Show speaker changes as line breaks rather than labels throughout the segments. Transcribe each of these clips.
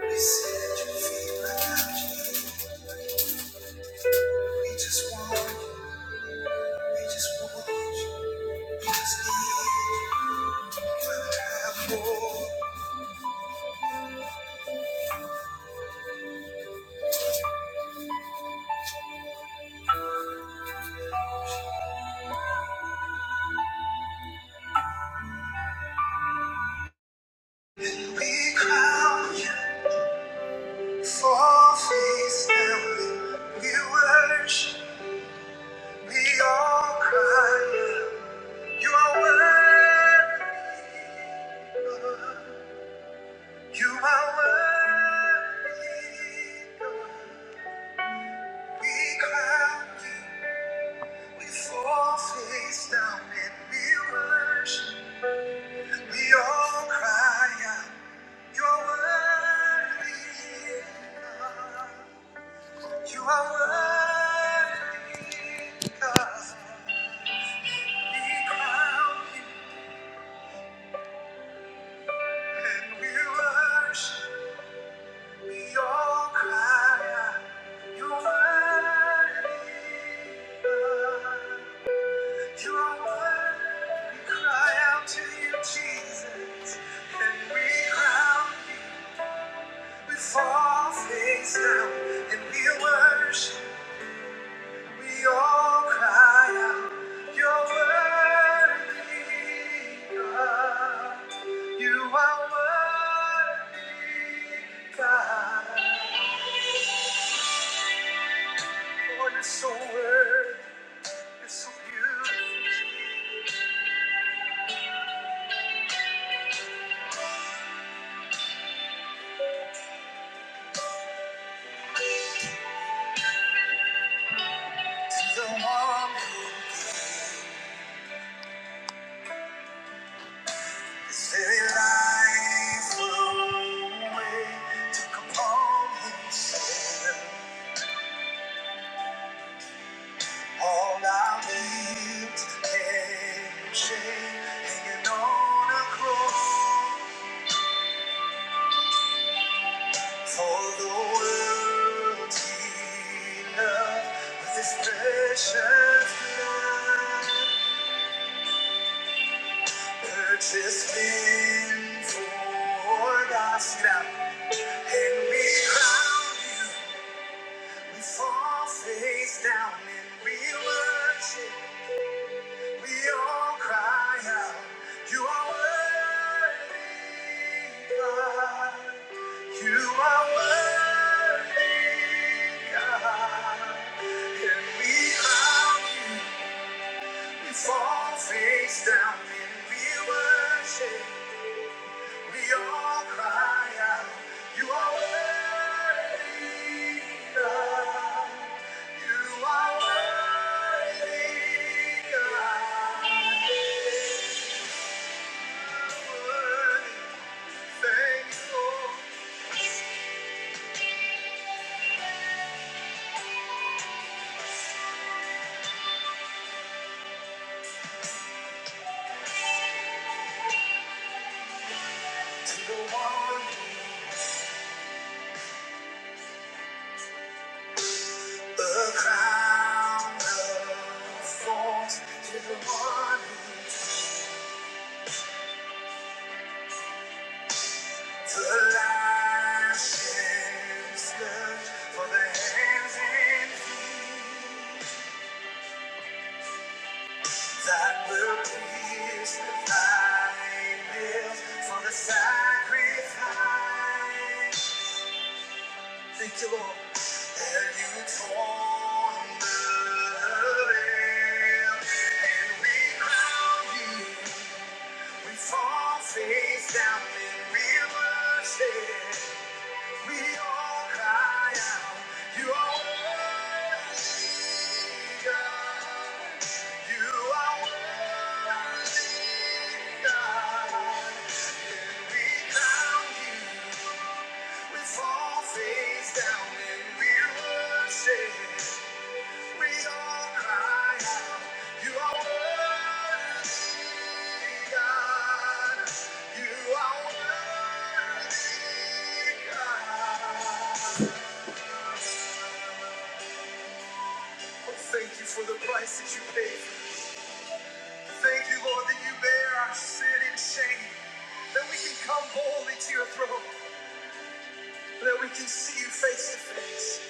We like crown you for face down. We worship. We all cry You are worthy. You are worthy. We crown you. We fall face down and we worship. We all cry out, You're worthy, God. You are worthy, God. We crown you and we worship. We all cry out, You're worthy, God. You are worthy. We cry out to you, Jesus, and we crown. you. We fall face down and we worship. We all cry out, You're worthy, God. You are worthy, God. Lord, you're so worthy, you're so beautiful. To the one who is very life away, took upon himself. All our needs and shame hanging on a cross for the world enough with this precious blood purchased him for us now and we crown you we fall face down and we worship We all cry out, You are worthy, God. You are worthy, God. And we you, we fall face down, and we worship. We all cry out, You are worthy, God. You are worthy, God. Sacrifice. Thank you, Lord. And you torn the veil, and we crown you. We fall face down and we worship. We all cry out, You are worthy, God. You are worthy, God. And we crown you. We fall face down and we worship. We all cry out, You are worthy, God. You are worthy, God. Oh, thank you for the price that you paid. Thank you, Lord, that you bear our sin and shame. That we can come boldly to your throne. That we can see you face to face.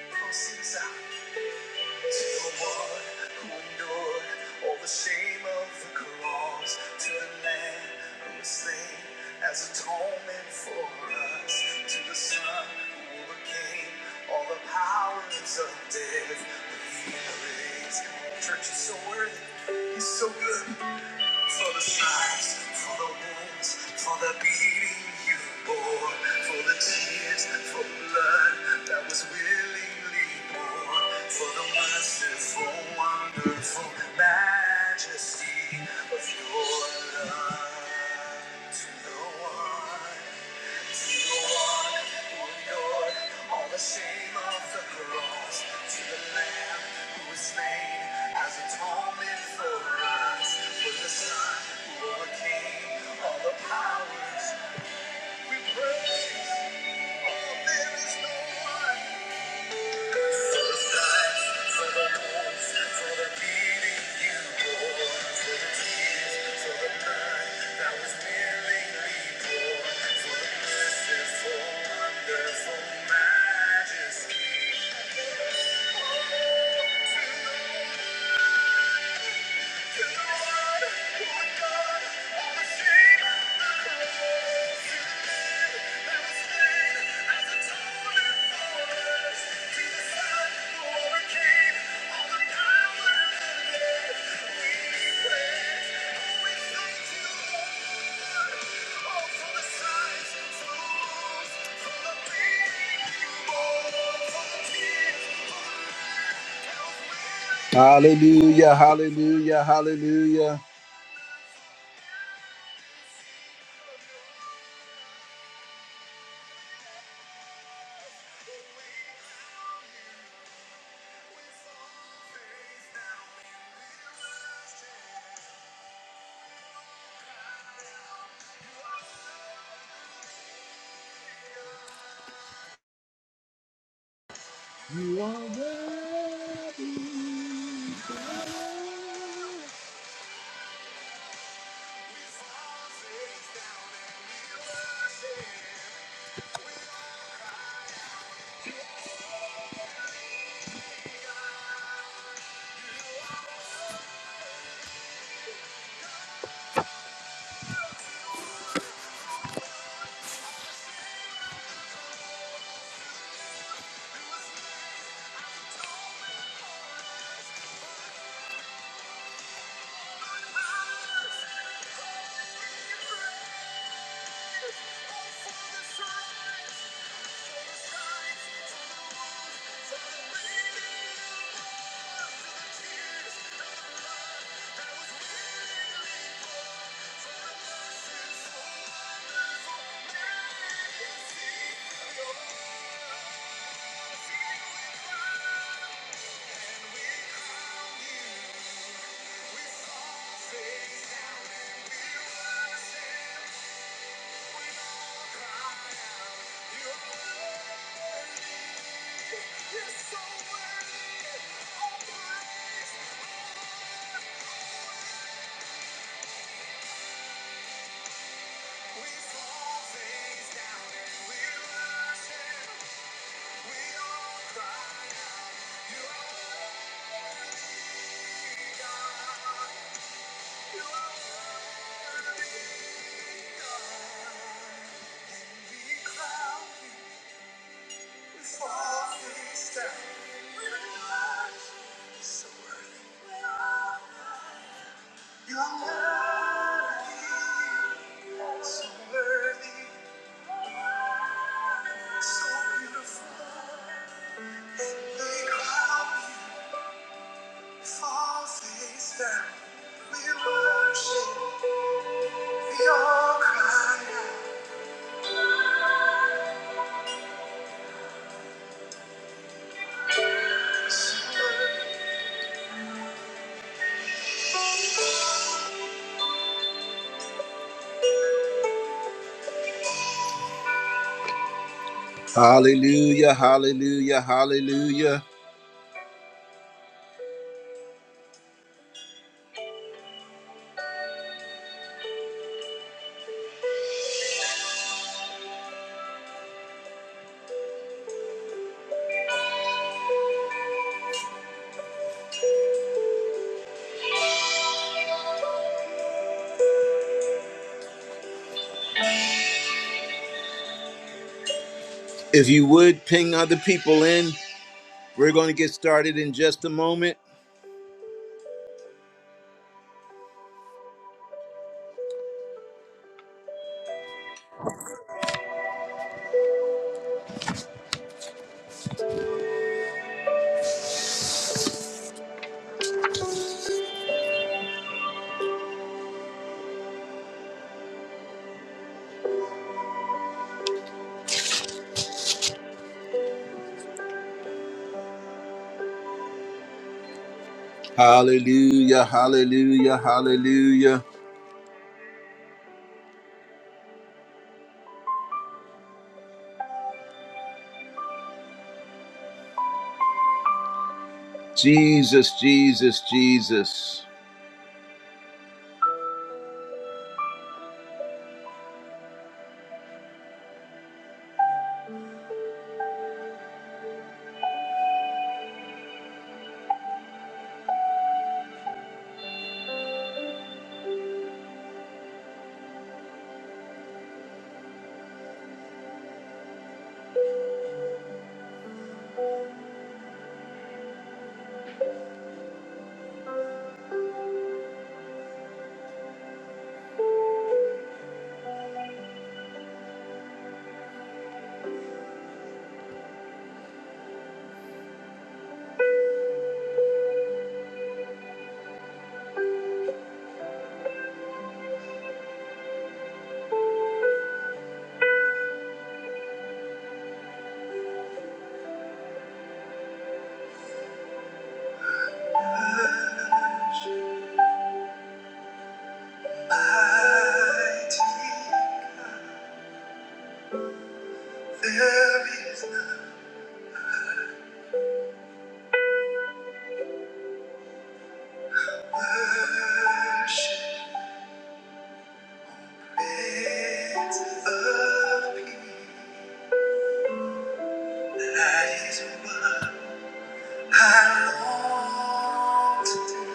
Oh, see us out. to the one who endured all the shame of the cross, to the Lamb who was slain as atonement for us, to the Son who overcame all the powers of death. He is. Church is so worthy. He's so good for the stripes, for the wounds, for the beating you bore, for the tears, for the blood that was willingly poured, for the merciful, wonderful majesty of your love to the one. Powers we praise, oh, there is no one. Majesty. Hallelujah, hallelujah, hallelujah. You are worthy. Face down and we were saved. We cry. Hallelujah, hallelujah, hallelujah. If you would ping other people in, we're going to get started in just a moment. Hallelujah, hallelujah, hallelujah. Jesus, Jesus, Jesus. Mighty, there is worship, beds of peace. That is what I long to do.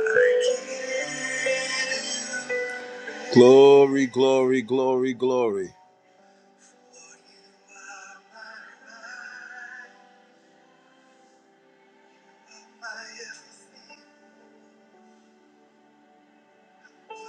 I give you. Glory, glory, glory, glory. My everything. I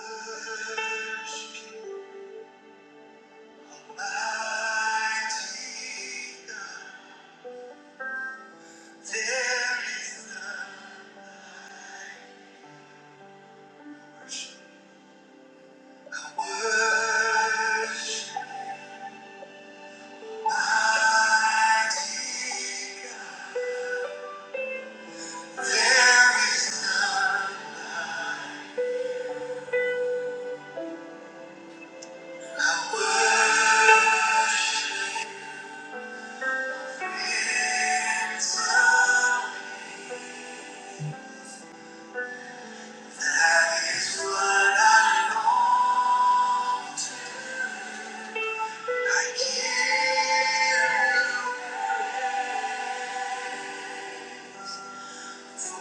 give you. Almighty God.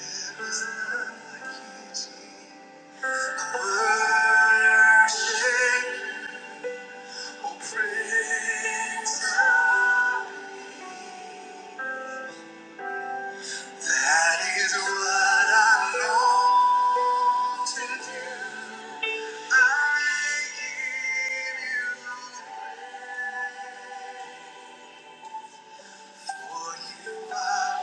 There is none like you, Jesus. Worship, oh, praise God. That is what I long to do. I give you, for you are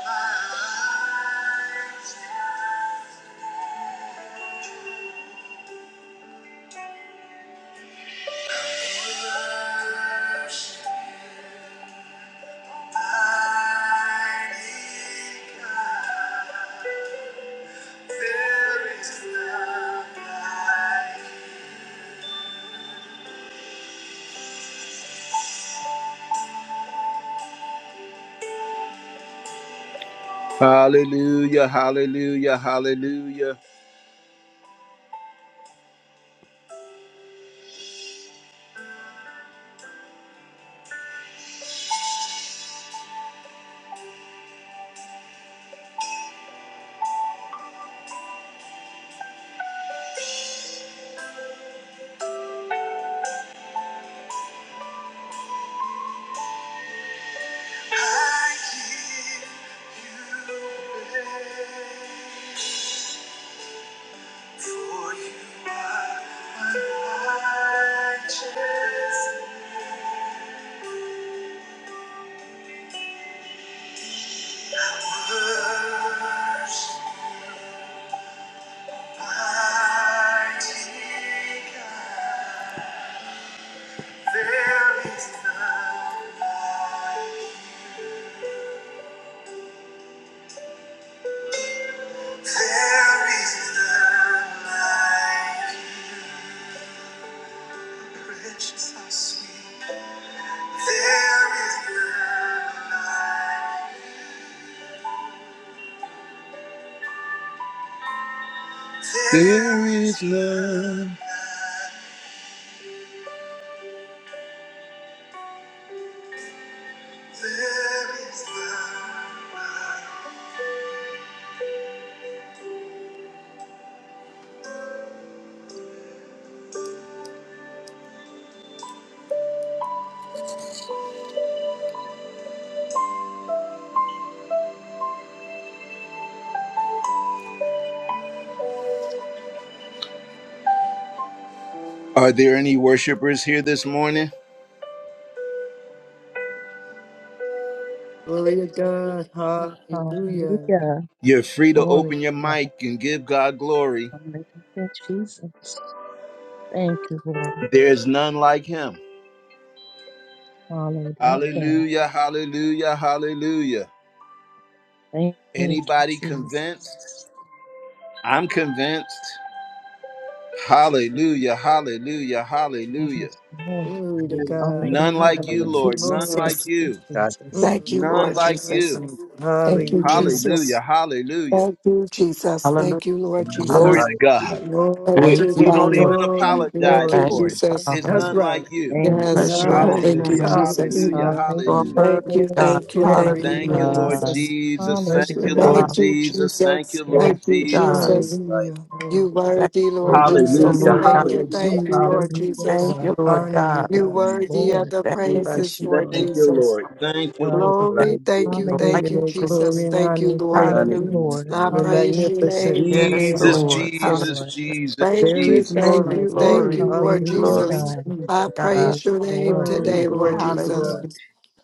mine. Worship, mighty God. Hallelujah, hallelujah, hallelujah. I give you praise, for you are my righteous. Worship, mighty God. There is none like, there is none like. There is love. Are there any worshipers here this morning?
Glory to God. Hallelujah.
Hallelujah.
You're free to
Glory
open your
to God.
mic and give God glory.
Hallelujah, Jesus. Thank you, Lord.
There's none like him.
Hallelujah.
Hallelujah, hallelujah, hallelujah.
Thank you,
Anybody
Jesus.
convinced? I'm convinced. Hallelujah, hallelujah, hallelujah.
Yes, Lord.
Glory to
God,
God.
Hallelujah.
None like you,
Thank
Hallelujah.
you,
Lord. None
Lord.
like
Jesus.
you,
you.
Jesus.
Thank you,
Mm-mm.
None
Lord
like
Jesus.
you.
Mm.
Thank you,
Hallelujah.
Hallelujah.
Jesus.
Hallelujah.
Thank you, Jesus.
Hallelujah.
Thank you, Lord
Hallelujah.
Glory
Jesus.
to God.
Thank
We,
Thank
you,
you,
we
Glory,
don't
Father.
Lord.
even
glory,
Thank
apologize
you,
glory.
Thank
for
you,
Thank
it.
you,
Jesus.
It's
Father.
That's
Lord.
none
right.
like you.
Thank you,
Yes,
Bless your
Lord.
Nine.
holy
Thank you,
Jesus.
Hallelujah.
name.
Jesus.
Hallelujah.
Hallelujah.
Your
Hallelujah.
word
Thank
be
you,
Hallelujah.
God.
thank you, thank
Glory,
you,
Thank
Hallelujah.
you,
Lord
glory.
Lord
Jesus.
God.
Jesus.
Bless
Thank
your
Hallelujah.
Your
you,
name.
Yeah,
Lord
power.
Thank you,
Jesus. Thank
Jesus.
you,
Thank
Lord
Thank you,
you, God.
Jesus.
Jesus.
Hallelujah,
You
Lord.
Thank
worthy,
you for
thank
Lord
you,
Thank
wisdom,
Jesus.
Hallelujah.
you,
Jesus.
Lord God.
Thank you,
Lord
thank
Hallelujah.
Jesus.
you, Lord
Hallelujah,
Hallelujah.
Jesus.
Thank
God.
you, Lord
Honor you,
God.
You
God.
Yes,
Thank
worthy of
Lord.
the
Thank you.
Thank
Thank
Bless
praises,
you,
you,
Lord
Lord.
Thank you,
Jesus.
Jesus.
Lord. Thank you,
Glory
Lord.
to
you
God.
Glory, thank you,
We
for
Hallelujah,
give you
thank you,
the
righteousness.
Jesus.
Jesus.
glory and
Thank
honor
you,
and
Lord.
Thank
praise.
you,
Hallelujah.
Lord.
I
You're
praise your
Hallelujah.
magnificent,
name
Lord
today,
Yes,
God.
Jesus,
Lord
Yes,
Lord. Hallelujah.
Jesus.
Jesus,
Lord.
Jesus,
Thank
There
you,
is
Thank
Jesus.
none
thank
Glory,
you,
like
you,
Jesus.
thank
you.
glory.
you, Lord
Hallelujah,
Hallelujah.
Glory
Jesus.
to
God.
Mm.
I
you, God.
Yes,
praise your name
Lord.
Oh,
today,
Thank you,
Lord
glory,
Hallelujah.
Jesus.
Jesus.
glory.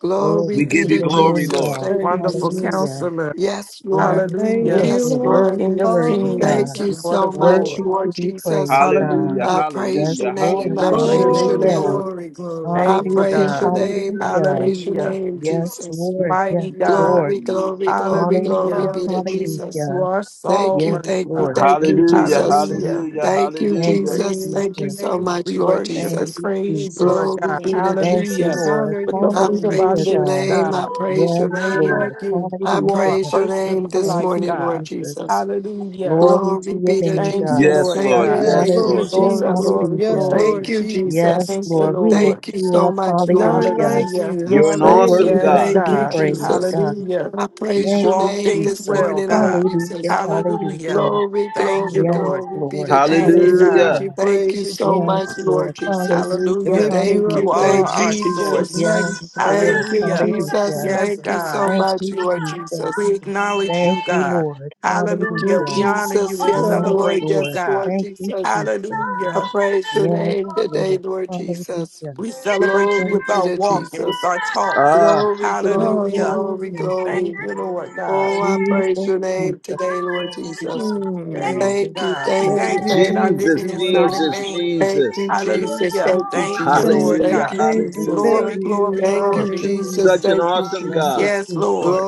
Glory
We
Glory
be
give
to
you
to
your
glory,
name,
Jesus.
Lord.
God.
Thank
Thank
you,
you,
Wonderful
Jesus.
Hallelujah.
Jesus.
counselor.
Yes, Lord.
Yes,
Thank
Hallelujah.
Lord.
you,
Yes,
You're
Lord.
Lord.
King
worthy,
of
worthy,
Thank
God.
kings,
you
Hallelujah.
Lord
so
of
much,
Worthy
lords.
to
Lord
be
Jesus.
praised, God.
Hallelujah,
Hallelujah.
I praise
Yes,
your
hallelujah,
name.
Lord.
I
Bless
hallelujah.
your
praise your
name,
Glory,
Hallelujah.
name.
Lord.
glory, glory.
I
Thank you,
glory.
Hallelujah.
praise
God.
your name. I
Hallelujah.
praise your
Hallelujah.
name,
Yes,
Jesus.
Lord. Yes,
Mighty
Lord.
Hallelujah.
God.
Glory,
you.
glory, glory, glory
Hallelujah,
Hallelujah.
be to Jesus.
Hallelujah.
You
hallelujah.
are
Thank you,
Yes,
sovereign,
thank you,
God.
Lord.
thank
Thank
you,
you,
Hallelujah,
Thank you,
Jesus.
Jesus.
Hallelujah.
Jesus.
hallelujah,
Thank you,
Thank
hallelujah.
you,
Jesus.
Praise
Thank
your
you
Jesus.
so
name.
much,
We
Lord
worship
Thank
and
Jesus.
you,
praise
We
you,
Jesus.
bless
Lord
Glory
God.
you. God.
be to
Thank you,
Hallelujah.
We
Jesus.
Lord.
Honor
With the
you,
I
fruit
Lord.
of our
Hallelujah,
praise your
lips,
God.
name.
Yes,
I
God.
praise
Lord.
Yes,
your
Not
name.
Lord.
like you.
I
You are
Hallelujah.
praise your
first in
name
my
this
Thank
life,
you,
morning, Lord
God.
Jesus.
Jesus.
Hallelujah.
Glory to
Glory
your
be to
name,
Thank you,
God.
Jesus.
Yes,
Lord
Thank
Lord,
you,
God.
Yes,
thank
yes,
you,
Lord.
Lord
Hallelujah,
Glory,
Jesus.
Jesus.
glory,
Yes,
hallelujah.
glory.
Lord
Thank you,
Yes,
Jesus.
Thank
Jesus.
you,
Lord. We
Lord.
Thank
lift
you
you
so
up.
much, Lord
None
Hallelujah.
like
Jesus.
Hallelujah.
you.
You're
You're an
so
Thank
awesome
you,
worthy
Yes,
Hallelujah.
God.
to
thank
be
you,
God.
Thank you.
praised,
Jesus.
God.
Hallelujah.
I
You
praise
do
Thank
your
all
you,
name
things
this
Jesus.
well,
morning, Lord
God.
Hallelujah,
Jesus.
Hallelujah.
hallelujah.
Glory,
Thank you,
glory,
Yes,
Lord.
glory be
Lord.
to
Thank you,
Jesus.
God.
Praise
Hallelujah.
you,
Hallelujah.
Thank
praise
you
you,
so
Yes,
Jesus.
much,
Lord.
Lord Jesus.
And
Hallelujah.
Hallelujah.
lift you
Thank
up,
You
you,
are
Hallelujah.
Lord
thank you,
our
Jesus.
Jesus.
source.
Yes,
Magnify your
Lord.
Thank you,
name,
Hallelujah.
Lord
Jesus.
Hallelujah.
Jesus.
Yes,
Thank you so
God.
Thank
much,
you,
Lord
Jesus.
Jesus.
We
Thank
acknowledge
Thank
you,
you,
God.
Lord.
Hallelujah.
you,
We
Hallelujah.
honor
Jesus.
you and
Oh,
Yes,
Yes,
Lord.
Lord.
celebrate you,
Lord.
Yes,
God.
Lord
Thank you,
Jesus.
Jesus.
I
Hallelujah.
praise your
Yes,
name today,
Lord.
Lord Jesus.
Hallelujah.
We celebrate you
Glory
Thank
with
be
our
you,
to
Jesus.
walk and with
Jesus.
our talk.
Ah.
Glory, glory,
Jesus.
Hallelujah.
glory,
Hallelujah.
Jesus.
Thank
glory.
you, Lord
Hallelujah,
God.
Oh, I
hallelujah.
praise
Jesus.
your name
Jesus.
today, Lord
Glory,
Jesus.
glory, glory,
Jesus.
Mm.
Thank you,
Jesus.
Thank you,
God. We
thank you,
Thank
thank you
you,
that our
thank you,
Jesus,
living
Jesus.
is
glory.
not
Jesus.
in
Jesus,
We
vain.
Thank
Jesus.
worship
you,
you, worship you, we
Jesus.
Hallelujah.
worship
Jesus.
you,
Thank you,
oh
Thank you,
God.
Jesus.
Jesus.
Lord
Thank
Hallelujah,
you,
Thank
God.
you,
thank you,
We
Jesus.
hallelujah.
Glory,
thank
worship
glory,
you.
you,
Thank you,
spirit
glory.
Jesus.
and
Hallelujah.
Jesus.
Such
truth.
an
We
Thank you,
honor
awesome
your
Yes,
God.
presence,
Jesus.
Yes,
Jesus.
Lord.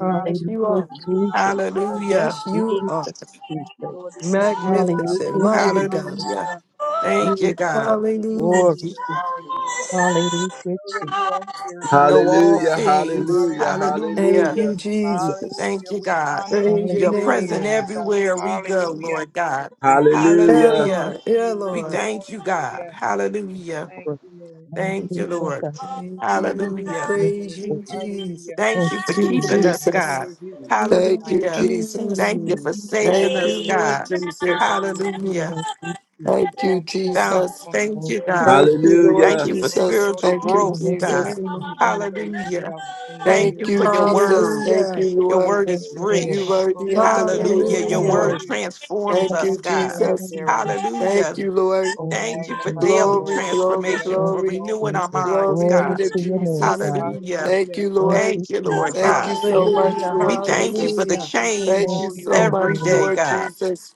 we honor
Yes,
your
you are.
presence, we
Jesus,
honor your presence.
Hallelujah.
Yes, you
Jesus,
are.
Thank you,
Jesus.
Lord, that you inhabit our
Hallelujah,
Magnificent,
praises.
Jesus,
mighty God.
Hallelujah.
Hallelujah.
Thank you,
We
Jesus.
know
God.
that you are
Hallelujah.
Or
here. Hallelujah. We
hallelujah,
Know that
Jesus,
you are here.
You know
Glory to
all
Hallelujah,
God.
things.
Jesus,
hallelujah,
Hallelujah.
Thank
Hallelujah.
hallelujah,
you,
Jesus.
Jesus.
Thank
Hallelujah.
you,
We
God.
honor you.
Praise your
We
You're
Hallelujah,
name,
present
revere
Lord.
you,
Jesus,
God.
everywhere
Jesus,
we go,
Hallelujah.
Lord God.
Yeah,
We
hallelujah.
Hallelujah.
Lord.
revere
Yeah,
you,
We
Lord.
Jesus.
Lord.
thank you, God.
Hallelujah.
Hallelujah.
Thank
Lord,
you, Lord. Thank
Thank
Hallelujah,
you,
you, Lord.
Lord.
God.
Thank you.
Hallelujah.
Thank you,
you're
Praise
Lord.
you,
worthy.
Jesus.
Hallelujah.
Thank
Thank
you for
you,
to
keeping
Jesus.
us,
We
Jesus.
God.
rebuke you, oh
Thank
God.
you,
Hallelujah.
Jesus.
Thank
Thank
you for
Mm.
you, Jesus.
saving
Thank
us,
you,
Hallelujah.
Lord
God.
Jesus.
Hallelujah.
Mm.
Hallelujah.
Thank you,
Bless your
Thou-
Jesus.
wonderful name.
Thank
Thank
you,
you,
God.
Thank
Jesus.
you,
We
Lord
bless
Thank
Hallelujah.
you
the
for
Lord at
Jesus.
all
spiritual
Thank
times.
you,
growth,
Hallelujah,
The
God.
Jesus.
name
God.
of God.
Praise
Hallelujah.
yourself. Continually
Thank
Thank
Thank
you
in
you,
for
you,
my
your
mouth.
Jesus.
Jesus.
word.
Thank
Hallelujah.
you,
Your
Lord.
My
word
Thank
is
soul
you,
shall
You
Lord.
make a
rich.
worthy
boast
of
in
the
the
Thank
Lord.
you,
The
Hallelujah. Your
praises,
number will
word
Father.
Hallelujah.
Lord.
hear
transforms
Thank
us,
you,
and be
Hallelujah,
God.
glad
Jesus.
hallelujah.
thereof.
Thank
Hallelujah.
you, Lord.
Oh,
Thank you,
Thank you for
magnify the
Jesus.
daily
Lord
Glory,
with me.
glory,
Let us
transformation,
Thank
for
you,
glory.
exalt
renewing
his
our
Jesus.
name
minds,
Glory
Glory
be
God.
to
together.
to your name,
Jesus.
God.
Hallelujah.
Thank
Hallelujah.
you,
Thank
Lord.
you,
Thank you,
We
Jesus.
Lord God.
Thank
exalt
you
you,
so
Thank
Lord
you,
much,
Hallelujah.
Jesus.
We
Lord
Jesus.
thank you for
Jesus.
the
Hallelujah.
We
Thank
Thank
change
extol
you
you,
you,
so
Lord
thank you,
every
much,
Lord.
Jesus.
day,
Lord
God.
Jesus.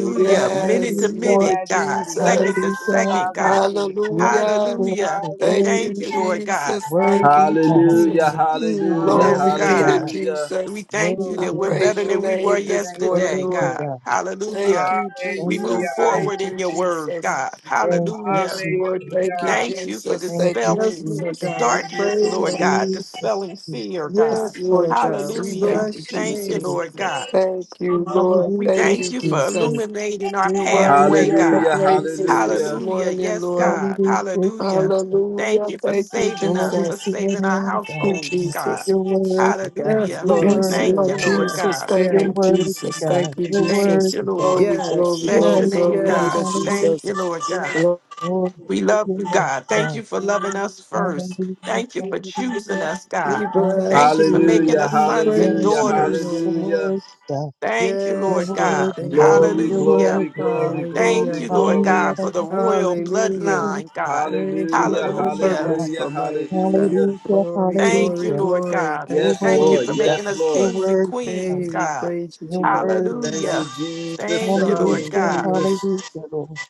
We revere
Minute to
Yes,
you, your
hallelujah,
Lord
minute, God.
majesty,
Second
Jesus.
to
your
hallelujah.
second, God.
sovereignty.
Yes,
Hallelujah.
Lord,
Hallelujah.
the
We
Thank you,
thank you,
worthy,
Hallelujah.
Lord God.
Jesus. Thank you,
worthy
Hallelujah.
God,
Hallelujah,
Jesus.
Mm,
hallelujah,
mm.
Yes,
worthy
Glory
Hallelujah.
be to
God.
God,
hallelujah.
We
Jesus.
thank you
Glory,
I
that
worthy
we're
God,
glory,
praise
better
your
than
glory,
we were
name
glory.
this
Thank you,
morning,
yesterday,
Jesus.
worthy
Lord.
God.
God.
Thank
Hallelujah.
you,
We
Thank
move
you,
Jesus.
Hallelujah.
Thank
forward
you,
in your
Jesus.
word,
Jesus.
God.
Thank you,
Hallelujah.
Yes, Lord.
Jesus.
Thank you,
Hallelujah.
Thank you for
Jesus.
Thank
Thank you,
you,
Yes,
dispelling
Lord
Jesus.
Jesus.
God, we
darkness,
praise
Lord
you.
Yes,
God,
Jesus,
dispelling
Jesus,
fear, God.
Yes,
Lord
Lord God, we
Jesus.
Hallelujah.
Thank you,
bless your
Thank
Jesus.
you,
name.
Jesus.
Lord God.
Jesus.
Thank you, Lord.
We
Hallelujah,
Thank
thank
you,
you for
Jesus.
Jesus.
illuminating our
You
pathway,
worthy
Hallelujah,
of the
God.
Hallelujah,
praises
Jesus.
this
hallelujah.
Hallelujah.
morning,
Yes,
Lord.
God.
Hallelujah,
Hallelujah.
Jesus.
Thank
Hallelujah.
you for
Thank you,
saving
Glory
us, for
Jesus.
to your
saving our
name, God.
Thank you,
households, God.
Jesus.
You're worthy, God.
Yes,
Hallelujah.
You're
Lord.
Yes,
worthy,
yeah,
Thank you,
Lord
God.
Lord
yeah,
Jesus.
God.
Thank
You're
yeah,
you,
worthy,
Jesus.
God.
Thank you,
You're
Thank
Jesus.
you,
worthy, God.
Lord.
Glory,
yes,
glory,
Bless your
glory,
yes,
name,
glory
Hallelujah,
be to
God.
hallelujah.
yes.
Thank
Jesus.
you, Lord God.
Glory
We
to
love
your
you,
name,
God. Thank
God.
you for loving us first.
Hallelujah,
Thank you for choosing
hallelujah,
us, God.
We bless
Thank you for
hallelujah.
making
you.
Hallelujah,
us
We
sons and
Yes,
praise
hallelujah,
you,
Lord.
daughters.
You're
Lord.
hallelujah.
worthy, God.
Thank you,
You're
Lord
Yes, Lord.
God.
worthy,
Thank
God.
Glory,
You're
you.
Hallelujah.
glory,
worthy, God.
glory,
Thank
glory,
Hallelujah.
you, Lord
glory.
Hallelujah,
God, for the royal
Hallelujah.
Lord.
bloodline, God.
Thank you
You're
Hallelujah,
for the
worthy,
Hallelujah.
God.
purpose
hallelujah,
for life.
hallelujah.
Um,
Hallelujah,
glory,
Thank you,
glory,
hallelujah.
Lord
glory.
God.
You're
Yes,
Thank you
Thank you
for
Lord,
it.
for
worthy, God.
making
yes,
us
You're
Lord.
kings and
worthy, God.
queens,
Hey, we
God.
praise you,
You're worthy,
Thank
God.
you,
Jesus.
Hallelujah.
Jesus.
Thank you,
Thank you,
Lord
Hallelujah,
God.
Hallelujah.
Jesus.
hallelujah, Lord.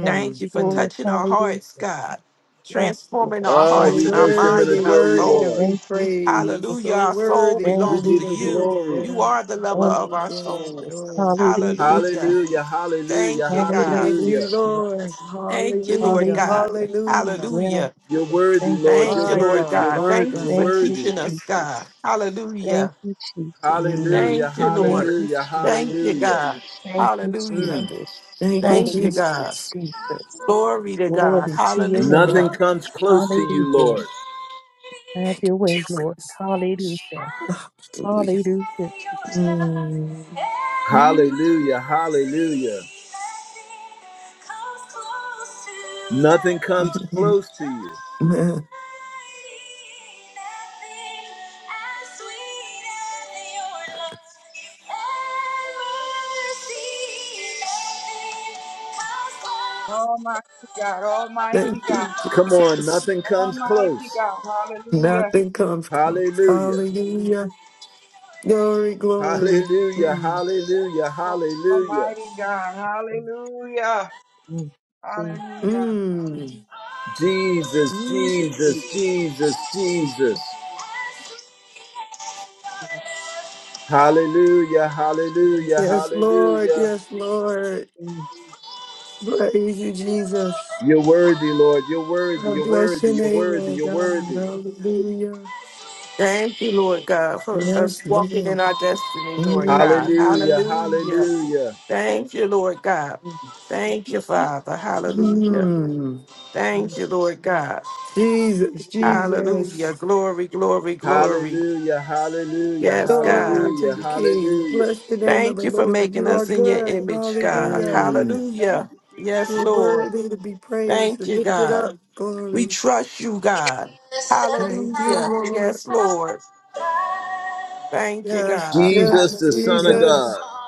Thank
Thank you
you,
for
mm,
Lord.
touching our hearts,
Hallelujah.
God,
Yes, Lord.
transforming our
Oh,
Thank
So
hearts
we
and
you,
our
worship and
minds
worthy,
and
Jesus.
our
adore you,
worthy to
Lord.
soul.
be
Thank you,
praised.
Jesus.
Hallelujah.
So
Our soul
worthy,
Thank
We
belongs
you,
worthy
to
give
to
you
be
Jesus.
you.
lifted
glory.
You
up.
are the lover
Thank
of
Glory,
you,
our
glory,
soul.
Jesus.
glory.
Hallelujah,
Hallelujah.
Hallelujah,
Jesus.
hallelujah,
Thank you,
Hallelujah,
God.
Thank you,
hallelujah.
Jesus.
Lord.
Thank you, Lord
Hallelujah.
Hallelujah.
God.
Yes,
Hallelujah.
Lord.
Hallelujah.
You're worthy,
Thank you,
Lord.
Thank you,
You're
My
Lord
Jesus.
worthy,
God,
you're
God.
my
worthy,
Thank you
God.
you're
for
Thank you,
worthy.
teaching us,
Jesus.
God.
Thank
Hallelujah.
you, Jesus.
Mm,
Hallelujah,
Thank you,
mm.
Thank
Lord.
you,
hallelujah,
Jesus.
Thank you,
hallelujah.
God.
Thank you,
Hallelujah.
Mm.
Jesus.
Thank you,
Thank you,
Hallelujah,
God.
Jesus.
Jesus.
Glory to God.
Glory to your name.
Nothing
Hallelujah.
comes close to you,
Hallelujah.
Lord.
Have
Thank
your
you,
way, Lord.
Jesus.
Hallelujah.
Hallelujah.
Hallelujah, Jesus.
Mm.
Hallelujah, hallelujah. Nothing comes close to you.
Mm.
Almighty God, Almighty
Thank
God,
you,
Come on,
Jesus.
nothing comes close.
Almighty God. Hallelujah.
Nothing comes close.
Hallelujah.
Hallelujah. Glory, glory.
Hallelujah.
Mm.
Hallelujah. Hallelujah.
Almighty God. Hallelujah.
Mm. Jesus,
Hallelujah.
Mm.
Jesus,
Mm.
Jesus, Jesus, Jesus.
Jesus, Jesus,
Hallelujah.
Jesus,
Hallelujah.
Yes, Lord.
Hallelujah.
Yes, Lord.
Jesus,
Praise you, Jesus.
You're worthy, Lord. You're worthy.
I
You're
bless
worthy.
your
You're
name,
worthy.
Lord
You're
God.
worthy.
Hallelujah.
Thank you, Lord God, for us
Yes,
walking in
Lord.
our destiny, Lord God.
Hallelujah.
Mm.
Hallelujah.
Jesus,
Hallelujah.
Thank you, Lord God. Thank you, Father. Hallelujah.
Mm.
Thank
Jesus.
you, Lord God.
Jesus,
Jesus.
Jesus.
Hallelujah. Glory, glory, glory.
Hallelujah, hallelujah,
Yes, God.
Glory to
hallelujah,
you, King.
hallelujah.
Bless the name of
Thank
the
you for
Lord.
making
You are
us in your
good.
image,
Thank
God.
you,
Hallelujah.
Mm.
Jesus. Thank
Hallelujah.
you, Jesus.
Yes,
You're
Lord.
worthy to be praised
Thank
and
you,
lifted
God.
up.
We
Glory.
trust you, God.
Thank you,
Hallelujah.
Lord.
Yes, Lord. Thank you,
Yes,
God.
yes,
Jesus, the Son of
Hallelujah.
God.
Jesus.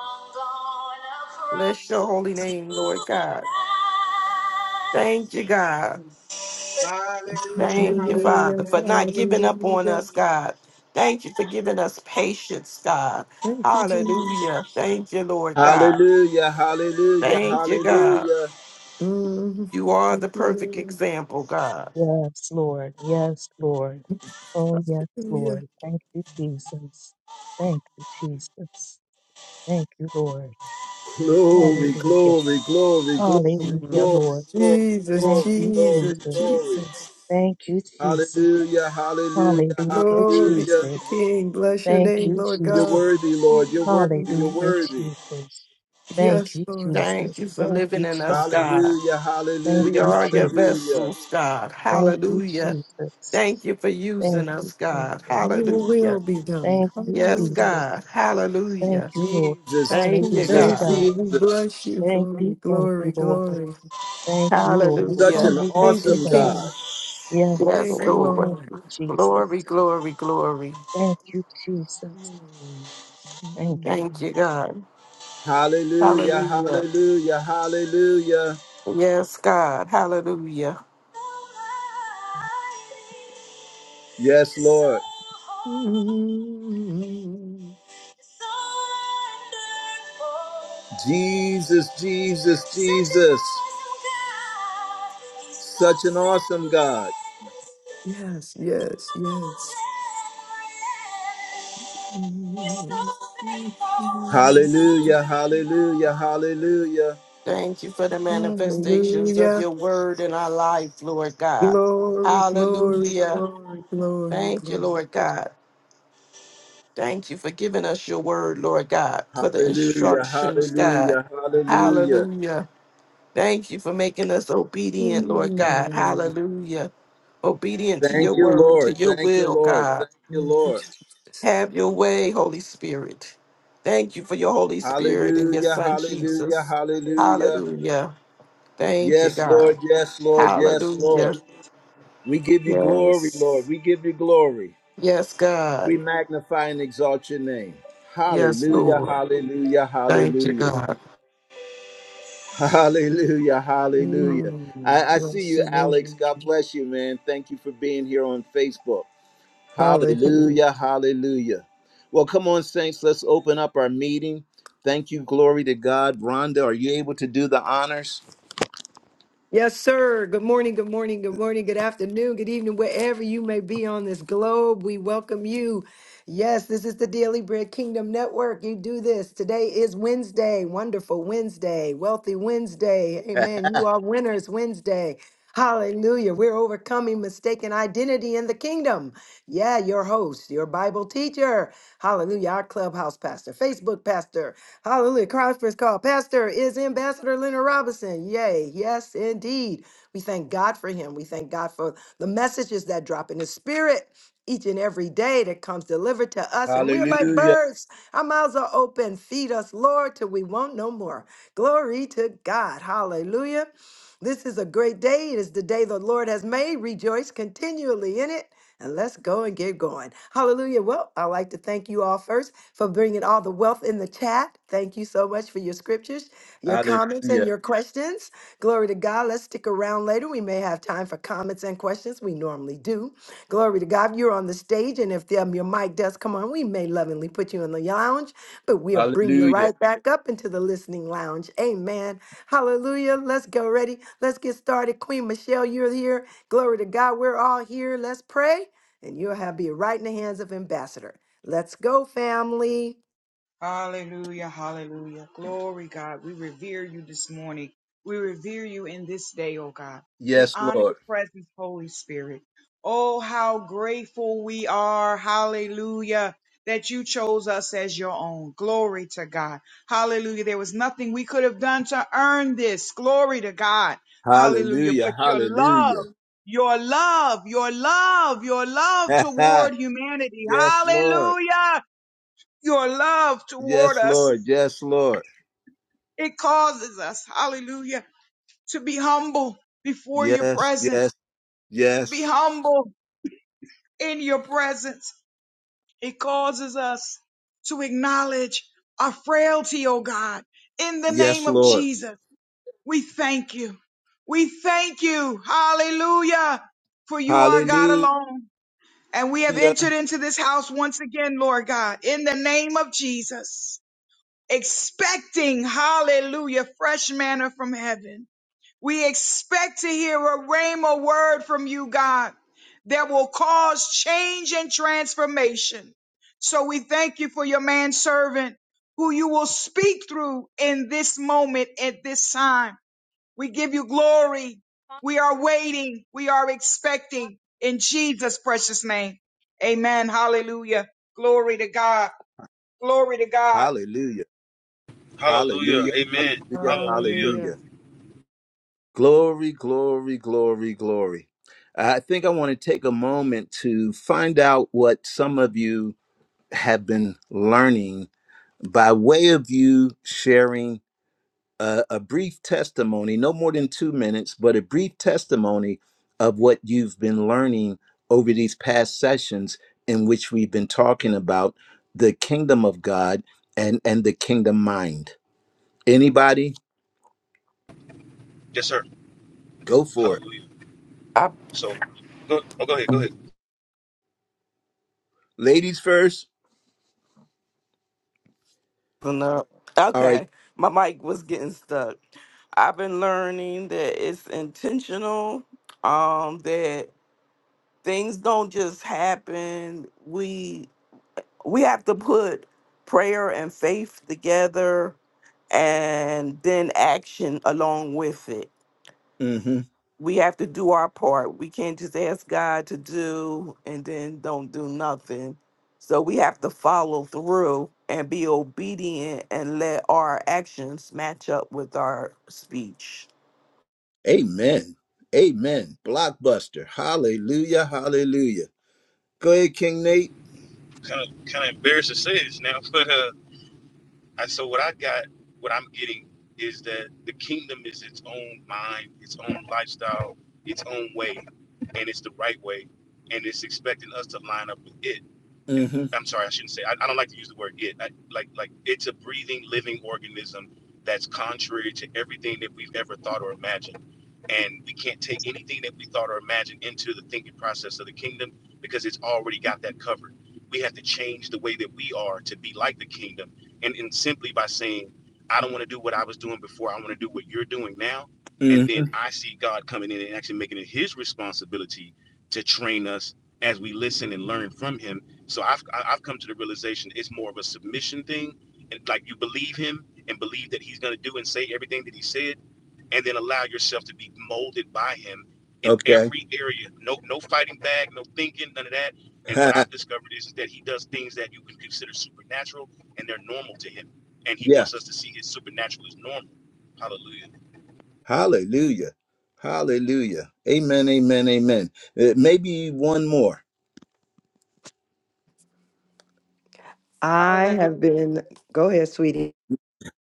Bless your holy name, Lord God. Thank you, God.
Hallelujah.
Thank you, Father,
Hallelujah,
Hallelujah.
for not giving up on
hallelujah.
us, God. Thank you for giving us patience, God.
Thank you, Jesus.
Hallelujah. Thank you, Lord God.
Hallelujah, hallelujah,
Thank you, God.
hallelujah.
Mm,
You are
thank
the perfect
you,
example, God.
Yes, Lord. Yes, Lord. Oh,
Lord.
yes,
Hallelujah.
Lord. Thank you, Jesus. Thank you, Jesus. Thank you, Lord.
Glory,
Hallelujah.
glory, glory, glory,
Hallelujah,
Mm.
glory,
Lord.
glory,
Jesus,
Thank
glory,
you,
glory,
Jesus,
Jesus.
glory.
Jesus.
Thank you, Jesus.
Hallelujah, hallelujah,
Hallelujah,
Glory
hallelujah.
to the
Jesus.
King. Bless your
Thank
name,
you,
Lord
You're
Jesus.
God.
worthy, Lord. You're worthy,
Hallelujah,
you're
Mm.
worthy.
Jesus. Thank
Yes,
you,
Lord.
Thank
Jesus.
you for
Thank
living
you,
in us,
Jesus.
God.
Hallelujah,
Thank
We
hallelujah,
you,
are your
Jesus.
hallelujah.
vessels, God.
Thank you,
Hallelujah.
Jesus.
Thank you for
Thank
using us,
you,
God.
Jesus.
Your
Hallelujah.
will be done.
Thank you,
Yes,
Hallelujah.
Jesus.
God.
Thank
Hallelujah.
you, Lord.
Jesus,
Thank you,
Hallelujah,
Jesus,
Thank
God.
God.
you. We
Jesus.
bless you.
Thank
Glory,
you, thank
glory,
you, Lord.
glory.
Thank you, Lord.
Such
Hallelujah.
an
Thank
Hallelujah,
you,
awesome
God.
God.
King.
Yes,
Yes,
Thank
Lord.
you,
Lord.
Thank
Lord.
you, Jesus.
Glory, glory, glory.
Thank you, Jesus.
Mm.
Thank you,
Thank you, God.
Hallelujah,
Hallelujah.
hallelujah, hallelujah.
Yes, God. Hallelujah.
Yes, Lord.
Mm.
Jesus, Jesus, Jesus. Such an awesome God.
Yes, yes, yes. Mm.
Hallelujah, hallelujah, hallelujah,
Thank you for the manifestations of
Hallelujah.
your word in our life, Lord God.
Glory, glory,
Hallelujah.
glory, glory,
Thank you,
glory.
Lord God. Thank you for giving us your word, Lord God, for the
hallelujah,
instructions, God.
hallelujah, hallelujah.
Hallelujah. Thank you for making us obedient, Lord God.
Mm.
Hallelujah. Obedient to
Thank
your
you,
word, to
Lord.
your
Thank you,
will,
Lord.
God.
Thank you,
Thank you,
Lord.
Jesus.
Have your way, Holy Spirit. Thank you for your Holy Spirit and your
Hallelujah,
Son,
hallelujah,
Jesus.
hallelujah.
Hallelujah. Thank you,
Yes,
God.
Lord. Yes, Lord. Yes, Lord.
Hallelujah.
We give you glory, Lord.
Yes.
We give you glory.
Yes, God.
We magnify and exalt your name.
Yes,
Hallelujah,
Lord.
hallelujah,
Thank you,
hallelujah.
God.
Hallelujah, hallelujah.
Mm.
I, I see
Bless
you,
your
Alex.
name.
God bless you, man. Thank you for being here on Facebook.
Hallelujah.
Hallelujah, hallelujah. Well, come on, Saints. Let's open up our meeting. Thank you, glory to God. Rhonda, are you able to do the honors?
Yes, sir. Good morning, good morning, good morning, good afternoon, good evening, wherever you may be on this globe. We welcome you. Yes, this is the Daily Bread Kingdom Network. You do this. Today is Wednesday, wonderful Wednesday, wealthy Wednesday. Amen. You are winners Wednesday. Hallelujah. We're overcoming mistaken identity in the kingdom. Yeah, your host, your Bible teacher. Hallelujah. Our clubhouse pastor, Facebook pastor. Hallelujah. Christ first call. Pastor is Ambassador Leonard Robinson. Yay. Yes, indeed. We thank God for him. We thank God for the messages that drop in his spirit each and every day that comes delivered to us. And we're like
hallelujah,
birds. Our mouths are open. Feed us, Lord, till we want no more. Glory to God. Hallelujah. This is a great day. It is the day the Lord has made. Rejoice continually in it. And let's go and get going. Hallelujah. Well, I'd like to thank you all first for bringing all the wealth in the chat. Thank you so much for your scriptures, your comments, and
hallelujah,
your questions. Glory to God. Let's stick around later. We may have time for comments and questions. We normally do. Glory to God. You're on the stage, and if um, your mic does come on, we may lovingly put you in the lounge, but we'll bring you
hallelujah.
right back up into the listening lounge. Amen. Hallelujah. Let's go ready. Let's get started. Queen Michelle, you're here. Glory to God. We're all here. Let's pray. And you'll have be right in the hands of Ambassador. Let's go, family.
Hallelujah, hallelujah. Glory, God. We revere you this morning. We revere you in this day, oh God. We
Yes,
honor
Lord.
your presence, Holy Spirit. Oh, how grateful we are. Hallelujah. That you chose us as your own. Glory to God. Hallelujah. There was nothing we could have done to earn this. Glory to God. Hallelujah. But
Hallelujah.
your love,
Hallelujah.
your love, your love, your love toward humanity.
yes, Lord.
Hallelujah your love toward
Yes,
us.
Lord. Yes, Lord.
It causes us, hallelujah, to be humble before your
Yes,
presence,
yes,
to be
yes.
humble in your presence. It causes us to acknowledge our frailty, oh God. In the name
Yes,
of
Lord.
Jesus, we thank you. We thank you, hallelujah, for you are God
Hallelujah.
alone. And we have entered into this house once again, Lord God, in the name of Jesus expecting, hallelujah, fresh manna from heaven. We expect to hear a rhema word from you, God, that will cause change and transformation. So we thank you for your manservant who you will speak through in this moment, at this time. We give you glory. We are waiting. We are expecting in Jesus' precious name. Amen. Hallelujah. Glory to God. Glory to God.
Hallelujah. Hallelujah.
Hallelujah.
Hallelujah.
Amen. Hallelujah.
Hallelujah.
Hallelujah. Glory, glory, glory, glory. I think I want to take a moment to find out what some of you have been learning by way of you sharing a, a brief testimony, no more than two minutes, but a brief testimony of what you've been learning over these past sessions in which we've been talking about the kingdom of God and and the kingdom mind. Anybody?
Yes, sir.
Go for it.
Hallelujah.
I
So, go. Oh, go ahead. Go ahead.
Ladies first.
No.
All right.
Okay. My mic was getting stuck. I've been learning that it's intentional, um, that things don't just happen. We we have to put prayer and faith together and then action along with it.
Mm-hmm.
we have to do our part. We can't just ask God to do and then don't do nothing. So we have to follow through and be obedient and let our actions match up with our speech.
Amen. Amen. Blockbuster. Hallelujah. Hallelujah. Go ahead, King Nate.
Kind of, kind of embarrassed to say this now, but uh, And so what I got, what I'm getting is that the kingdom is its own mind, its own lifestyle, its own way, and it's the right way, and it's expecting us to line up with it. And
Mm-hmm.
I'm sorry, I shouldn't say. I, I don't like to use the word it. I, like like it's a breathing, living organism that's contrary to everything that we've ever thought or imagined. And we can't take anything that we thought or imagined into the thinking process of the kingdom because it's already got that covered. We have to change the way that we are to be like the kingdom and, and simply by saying, I don't want to do what I was doing before. I want to do what you're doing now. And
Mm-hmm.
then I see God coming in and actually making it his responsibility to train us as we listen and learn from him. So I've, I- have i have come to the realization it's more of a submission thing. And like you believe him and believe that he's going to do and say everything that he said, and then allow yourself to be molded by him in
Okay.
every area. No, no fighting back, no thinking, none of that. And what I've discovered is that he does things that you can consider supernatural and they're normal to him. And he
yeah.
wants us to see his supernatural is normal. Hallelujah.
Hallelujah. Hallelujah. Amen. Amen. Amen. Uh, maybe one more.
I
Hallelujah.
have been, go ahead, sweetie.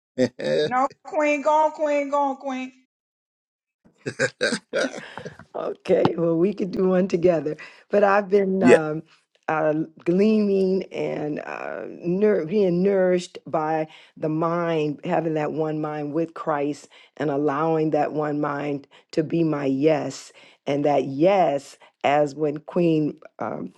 yeah.
No, Queen, go on, Queen, go on, Queen.
Okay, well, we could do one together. But I've been um, uh, gleaming and uh, nour- being nourished by the mind, having that one mind with Christ and allowing that one mind to be my yes. And that yes, as when Queen um,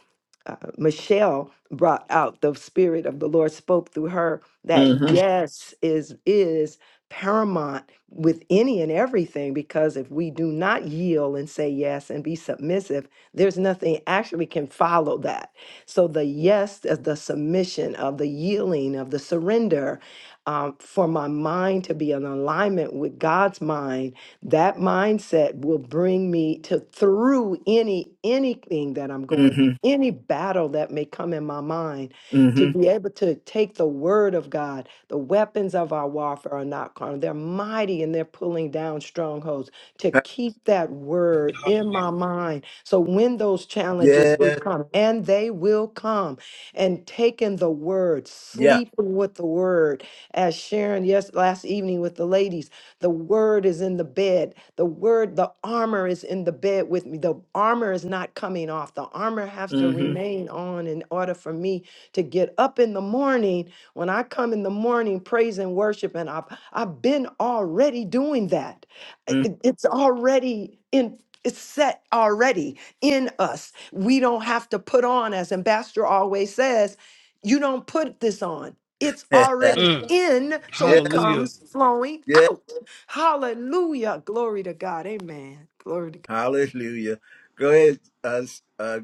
uh, Michelle brought out, the spirit of the Lord spoke through her that
Mm-hmm.
yes is is paramount with any and everything because if we do not yield and say yes and be submissive, there's nothing actually can follow that. So the yes is the submission of the yielding of the surrender um, for my mind to be in alignment with God's mind. That mindset will bring me to through any anything that I'm going
Mm-hmm.
any battle that may come in my mind, to
Mm-hmm.
be able to take the word of God. The weapons of our warfare are not carnal, they're mighty and they're pulling down strongholds. To keep that word
Hallelujah.
in my mind. So when those challenges do
Yeah.
come, and they will come, and taking the word,
Yeah.
sleeping with the word, as Sharon, yes, last evening with the ladies the word is in the bed. The word, the armor is in the bed with me. The armor is not coming off. The armor has to
Mm-hmm.
remain on in order for me to get up in the morning. When I come in the morning, praise and worship, and I've I've been already doing that. I-
mm-hmm.
it- It's already in it's set already in us. We don't have to put on, as Ambassador always says, you don't put this on. It's already
Mm.
in, so
Yeah.
it
Hallelujah.
comes flowing
Yeah.
out. Hallelujah. Glory to God. Amen. Glory to
Hallelujah. Go ahead. Uh, uh,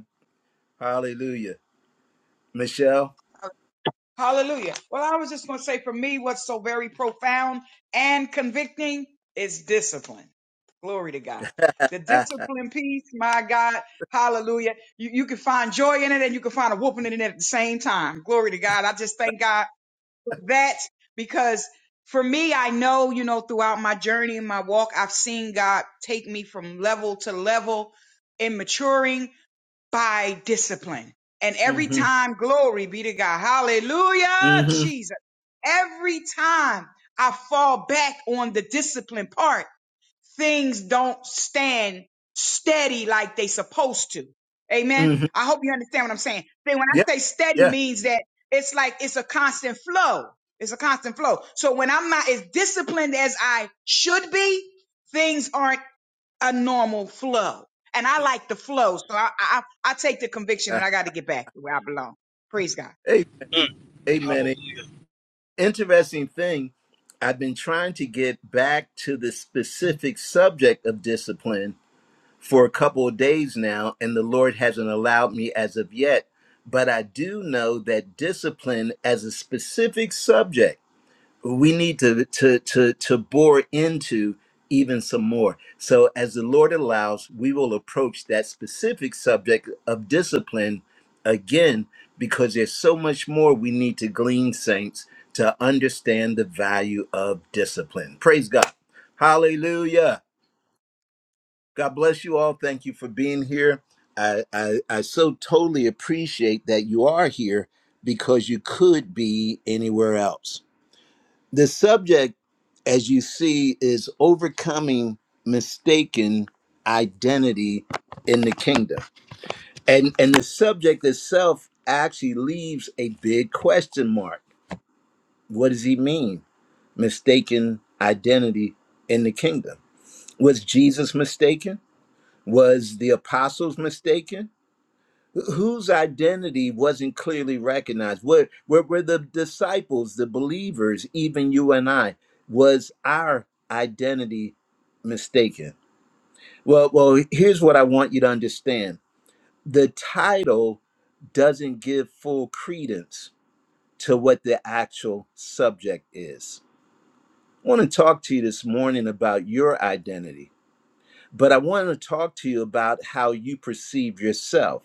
hallelujah. Michelle.
Hallelujah. Well, I was just going to say for me, what's so very profound and convicting is discipline. Glory to God. The
Ah.
discipline piece, my God, hallelujah. You, you can find joy in it and you can find a whooping in it at the same time. Glory to God. I just thank God for that because for me, I know, you know, throughout my journey and my walk, I've seen God take me from level to level in maturing by discipline. And every
Mm-hmm.
time, glory be to God. Hallelujah,
Mm-hmm.
Jesus. Every time I fall back on the discipline part, things don't stand steady like they supposed to. Amen.
Mm-hmm.
I hope you understand what I'm saying. Then when
Yeah.
I say steady
Yeah.
means that it's like it's a constant flow. It's a constant flow. So when I'm not as disciplined as I should be, things aren't a normal flow. And I like the flow. So I I, I take the conviction and
Ah.
I got to get back to where I belong. Praise God.
Hey,
Mm.
amen.
Hallelujah.
interesting thing i've been trying to get back to the specific subject of discipline for a couple of days now and the lord hasn't allowed me as of yet but i do know that discipline as a specific subject we need to to to to bore into even some more so as the lord allows we will approach that specific subject of discipline again because there's so much more we need to glean saints to understand the value of discipline praise god hallelujah god bless you all thank you for being here i i, I so totally appreciate that you are here because you could be anywhere else the subject, as you see, is overcoming mistaken identity in the kingdom. And and the subject itself actually leaves a big question mark. What does he mean? Mistaken identity in the kingdom. Was Jesus mistaken? Was the apostles mistaken? Wh- whose identity wasn't clearly recognized where, where were the disciples the believers even you and i was our identity mistaken well well here's what i want you to understand the title doesn't give full credence to what the actual subject is i want to talk to you this morning about your identity but i want to talk to you about how you perceive yourself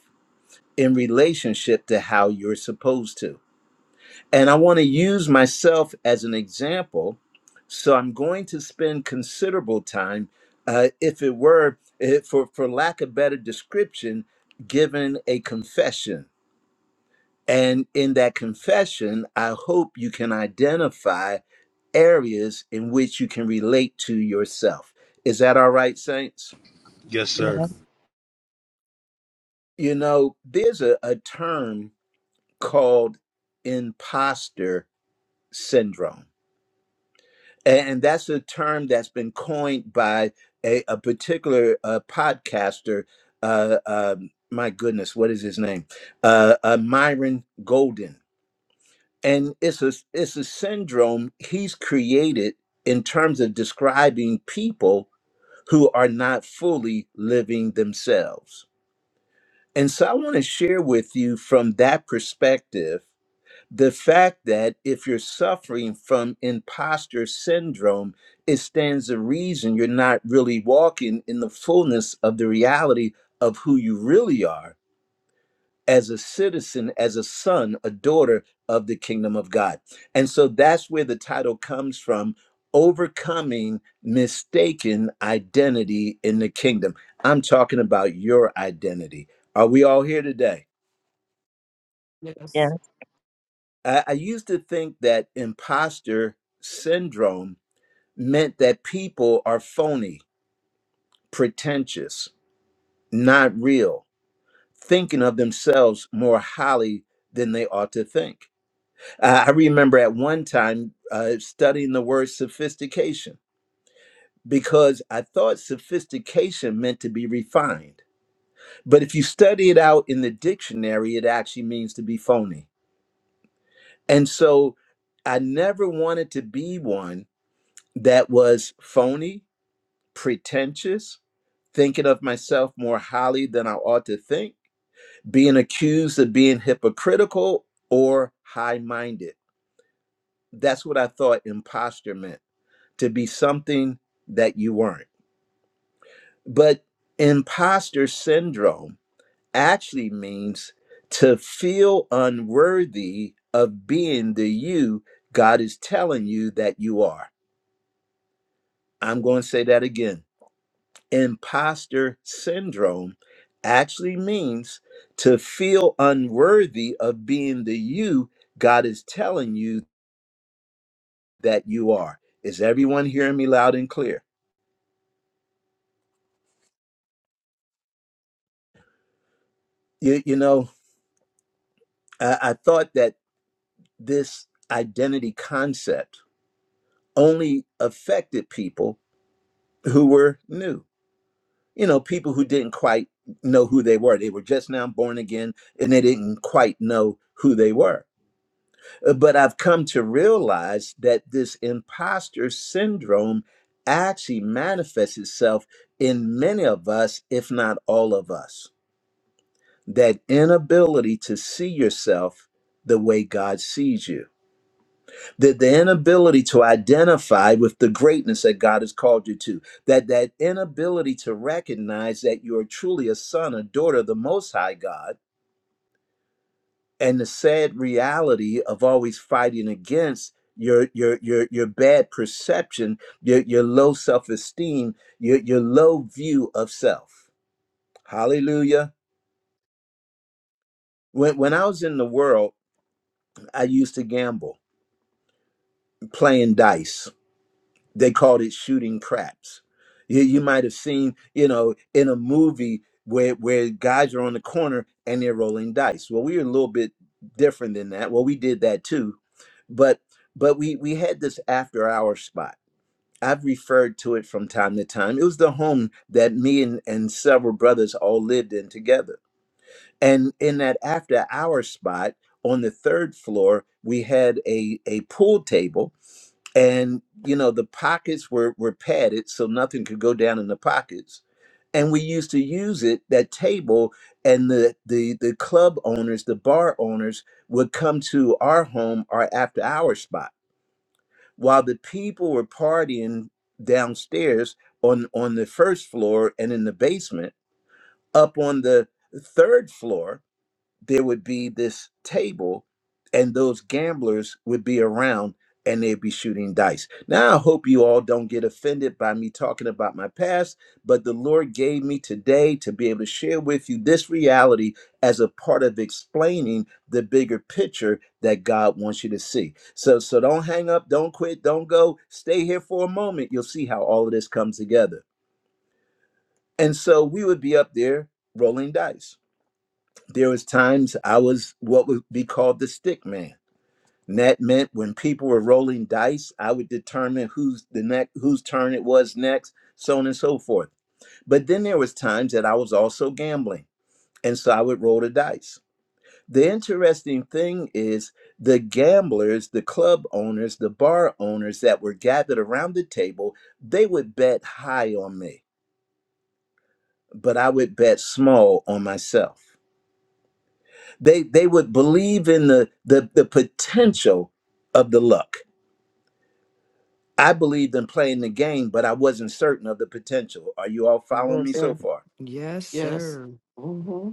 in relationship to how you're supposed to And I want to use myself as an example. So I'm going to spend considerable time, uh, if it were, eh, for, for lack of better description, given a confession. And in that confession, I hope you can identify areas in which you can relate to yourself. Is that all right, Saints?
Yes, sir.
God.
Yes,
You know, there's a, a term called imposter syndrome. and that's a term that's been coined by a, a particular uh, podcaster. Uh, um my goodness, what is his name? Uh, uh, Myron Golden, and it's a it's a syndrome he's created in terms of describing people who are not fully living themselves. And so, I want to share with you from that perspective the fact that if you're suffering from imposter syndrome, it stands to reason you're not really walking in the fullness of the reality of who you really are as a citizen, as a son, a daughter of the kingdom of God. And so that's where the title comes from overcoming mistaken identity in the kingdom. I'm talking about your identity. Are we all here today?
Yes,
yes,
I, I used to think that imposter syndrome meant that people are phony, pretentious, not real, thinking of themselves more highly than they ought to think. I I remember at one time uh, studying the word sophistication because I thought sophistication meant to be refined. But if you study it out in the dictionary, it actually means to be phony. And so I never wanted to be one that was phony, pretentious, thinking of myself more highly than I ought to think, being accused of being hypocritical or high minded. That's what I thought imposter meant to be something that you weren't. But imposter syndrome actually means to feel unworthy of being the you God is telling you that you are. I'm going to say that again imposter syndrome actually means to feel unworthy of being the you God is telling you that you are. Is everyone hearing me loud and clear? You, you know, I, I thought that this identity concept only affected people who were new, you know, people who didn't quite know who they were. They were just now born again and they didn't quite know who they were. Uh, But I've come to realize that this imposter syndrome actually manifests itself in many of us, if not all of us. That inability to see yourself the way God sees you, that the inability to identify with the greatness that God has called you to, that that inability to recognize that you are truly a son, a daughter of the Most High God and the sad reality of always fighting against your your your your bad perception, your your low self-esteem, your your low view of self. Hallelujah. When when I was in the world, I used to gamble, playing dice. they called it shooting craps. You, you might have seen, you know, in a movie where where guys are on the corner and they're rolling dice. Well, we were a little bit different than that. Well, we did that too, but but we we had this after hour spot. I've referred to it from time to time. It was the home that me and, and several brothers all lived in together. And in that after hour spot on the third floor, we had a, a pool table and you know the pockets were were padded so nothing could go down in the pockets and we used to use it that table and the the the club owners the bar owners would come to our home our after hour spot while the people were partying downstairs on on the first floor and in the basement up on the third floor there would be this table and those gamblers would be around and they'd be shooting dice. Now, I hope you all don't get offended by me talking about my past, but the Lord gave me today to be able to share with you this reality as a part of explaining the bigger picture that God wants you to see. So so don't hang up, don't quit, don't go. Stay here for a moment. You'll see how all of this comes together. And so we would be up there rolling dice there was times I was what would be called the stick man. And that meant when people were rolling dice, I would determine who's the next, whose turn it was next, so on and so forth. But then there was times that I was also gambling, and so I would roll the dice. The interesting thing is the gamblers, the club owners, the bar owners that were gathered around the table, they would bet high on me, but I would bet small on myself. They they would believe in the the the potential of the luck. I believed in playing the game, but I wasn't certain of the potential. Are you all
God.
following
Yes,
me so
sir.
far?
Yes,
yes.
sir.
hmm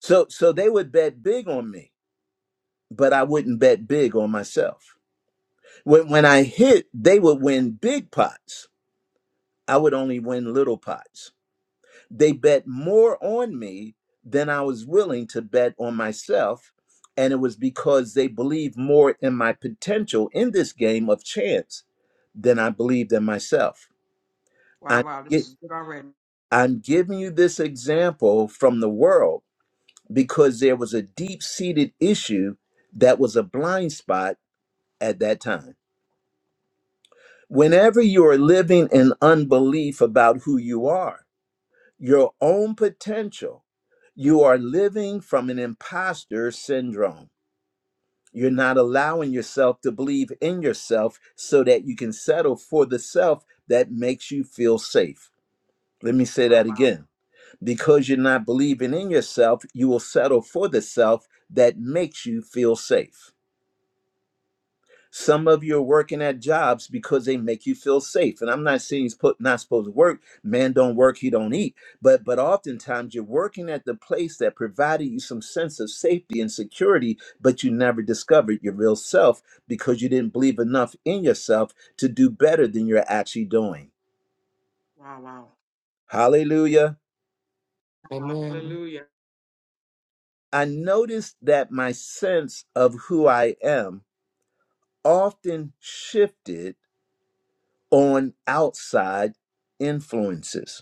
So so they would bet big on me, but I wouldn't bet big on myself. When when I hit, they would win big pots. I would only win little pots They bet more on me than I was willing to bet on myself. And it was because they believed more in my potential in this game of chance than I believed in myself.
Wow,
I'm,
wow, this
gi-
is good already.
I'm giving you this example from the world because there was a deep seated issue that was a blind spot at that time. Whenever you are living in unbelief about who you are, your own potential, you are living from an imposter syndrome. You're not allowing yourself to believe in yourself so that you can settle for the self that makes you feel safe. Let me say
Wow,
that
wow,
again. Because you're not believing in yourself, you will settle for the self that makes you feel safe. Some of you are working at jobs because they make you feel safe. And I'm not saying he's put, not supposed to work. Man don't work, he don't eat. But but oftentimes you're working at the place that provided you some sense of safety and security, but you never discovered your real self because you didn't believe enough in yourself to do better than you're actually doing.
wow,
Hallelujah.
wow.
Amen.
Hallelujah.
I noticed that my sense of who I am often shifted on outside influences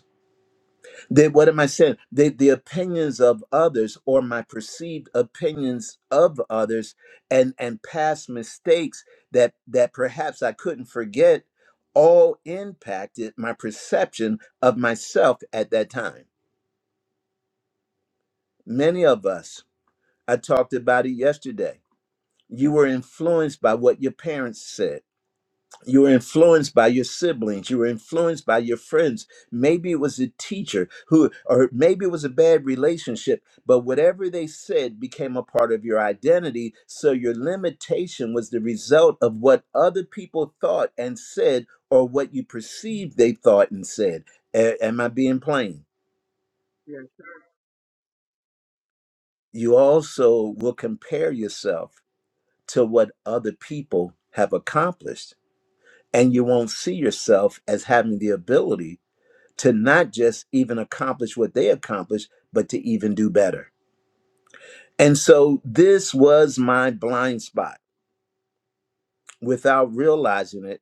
They, what am I saying? They, the opinions of others or my perceived opinions of others and, and past mistakes that, that perhaps I couldn't forget all impacted my perception of myself at that time. Many of us, I talked about it yesterday, you were influenced by what your parents said You were influenced by your siblings. You were influenced by your friends. Maybe it was a teacher who, or maybe it was a bad relationship, but whatever they said became a part of your identity. So your limitation was the result of what other people thought and said, or what you perceived they thought and said. A- am I being plain?
Yes.
You also will compare yourself to what other people have accomplished, and you won't see yourself as having the ability to not just even accomplish what they accomplished, but to even do better. And so this was my blind spot. Without realizing it,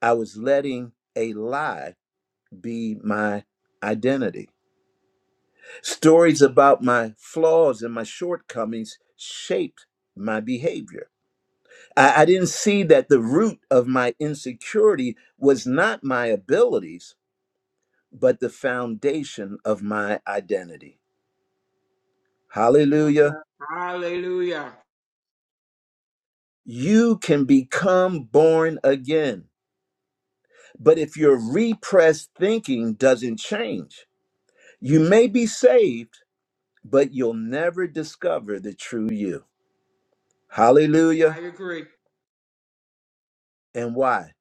I was letting a lie be my identity. Stories about my flaws and my shortcomings shaped my behavior. I, I didn't see that the root of my insecurity was not my abilities, but the foundation of my identity.
Come on.
Hallelujah.
Hallelujah.
You can become born again. But if your repressed thinking doesn't change, you may be saved, but you'll never discover the true you.
I
Hallelujah.
agree.
And why?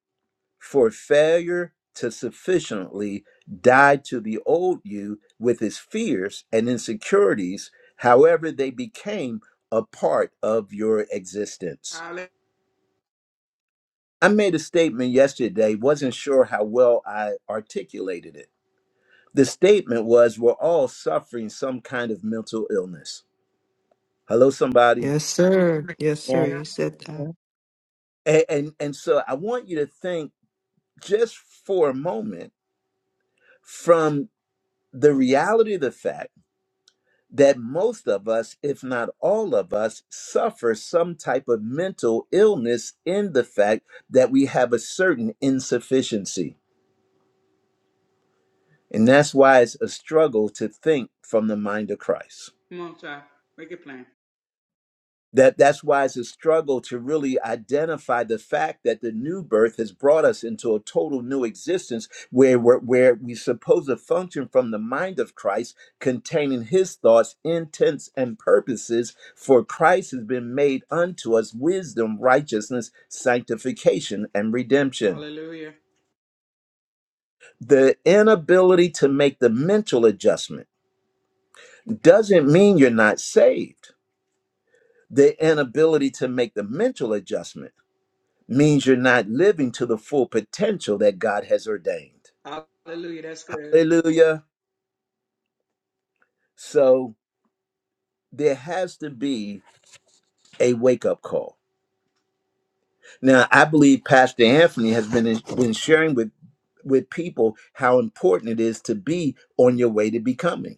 For failure to sufficiently die to the old you with its fears and insecurities, however, they became a part of your existence.
Hallelujah.
I made a statement yesterday, wasn't sure how well I articulated it The statement was we're all suffering some kind of mental illness. Hello, somebody.
Yes, sir. Yes, sir.
Yes,
You said that.
yes.
And, and, and so I want you to think just for a moment from the reality of the fact that most of us, if not all of us, suffer some type of mental illness in the fact that we have a certain insufficiency. And that's why it's a struggle to think from the mind of Christ.
Come on, child. Make it plain.
that that's why it's a struggle to really identify the fact that the new birth has brought us into a total new existence where we're, where we suppose to function from the mind of Christ containing his thoughts intents and purposes for Christ has been made unto us wisdom righteousness sanctification and redemption
Hallelujah.
the inability to make the mental adjustment doesn't mean you're not saved the inability to make the mental adjustment means you're not living to the full potential that God has ordained.
Hallelujah. That's good.
Hallelujah. So there has to be a wake up call. Now, I believe Pastor Anthony has been, been sharing with, with people how important it is to be on your way to becoming.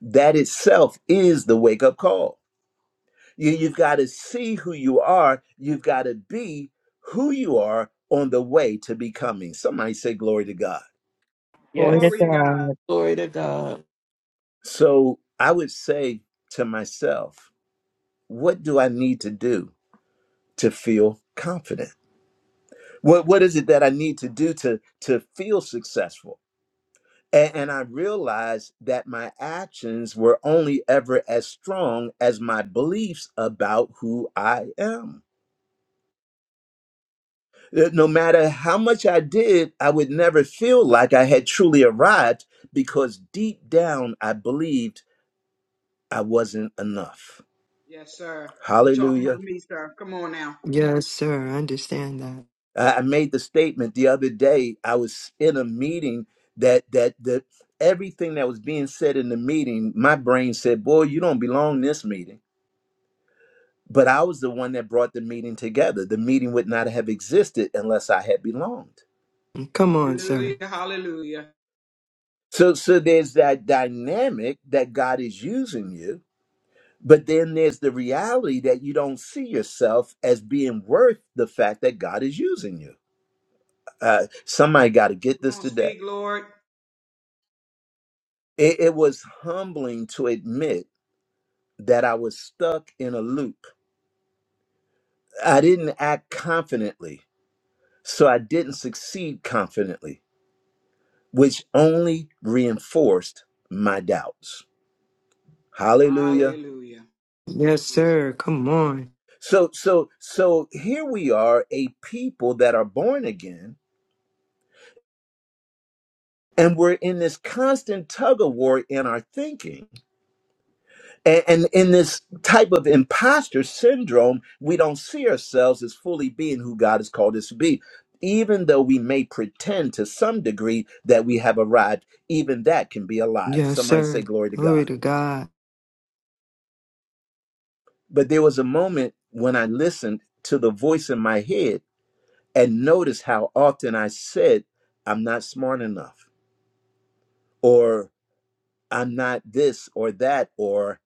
That itself is the wake up call. You, you've got to see who you are, you've got to be who you are on the way to becoming. Somebody say, Glory to God.
Glory to
Yes.
Glory to God.
God.
Glory to God.
So I would say to myself, what do I need to do to feel confident? What what is it that I need to do to to feel successful? And, and I realized that my actions were only ever as strong as my beliefs about who I am. That No matter how much I did, I would never feel like I had truly arrived because deep down I believed I wasn't enough.
Yes, sir. You talking
Hallelujah.
about me, sir. Come on now.
Yes, sir. I understand that.
I I made the statement the other day. I was in a meeting that that that everything that was being said in the meeting, my brain said, "Boy, you don't belong in this meeting." But I was the one that brought the meeting together. The meeting would not have existed unless I had belonged.
Come on,
Hallelujah.
sir.
Hallelujah.
So so there's that dynamic that God is using you, but then there's the reality that you don't see yourself as being worth the fact that God is using you. Uh, somebody got to get
Come
this
on,
today.
speak, Lord.
it, it was humbling to admit that I was stuck in a loop. I didn't act confidently, so I didn't succeed confidently, which only reinforced my doubts. Hallelujah.
Hallelujah.
Yes, sir. Come on.
So so so here we are a people that are born again and we're in this constant tug of war in our thinking A- And in this type of imposter syndrome, we don't see ourselves as fully being who God has called us to be. Even though we may pretend to some degree that we have arrived, even that can be a lie.
Yes,
Somebody
sir.
say, Glory to God.
Glory to God.
But there was a moment when I listened to the voice in my head and noticed how often I said, I'm not smart enough, or I'm not this or that, or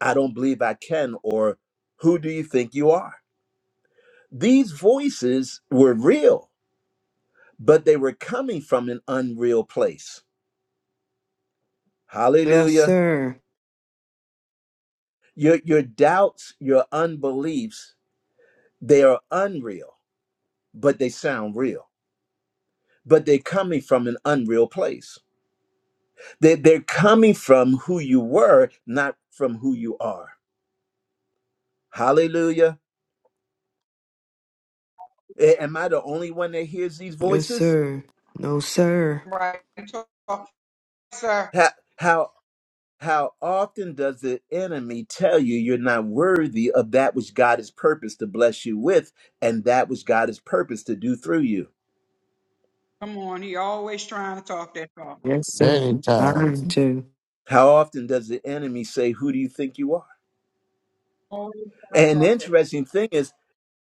I don't believe I can, or who do you think you are? These voices were real, but they were coming from an unreal place.
Yes,
Hallelujah.
sir.
Your, your doubts, your unbeliefs, they are unreal, but they sound real. But they're coming from an unreal place. They, they're coming from who you were, not from who you are. Hallelujah. A- Am I the only one that hears these
Yes,
voices?
sir. No, sir.
Right. You talk, sir.
How, how How often does the enemy tell you you're not worthy of that which God has purposed to bless you with and that which God has purposed to do through you?
Come on, he always trying to talk that talk.
Yes, sir.
many times.
Learn to.
How often does the enemy say, Who do you think you are?
Always trying to
And
talk
the
that.
interesting thing is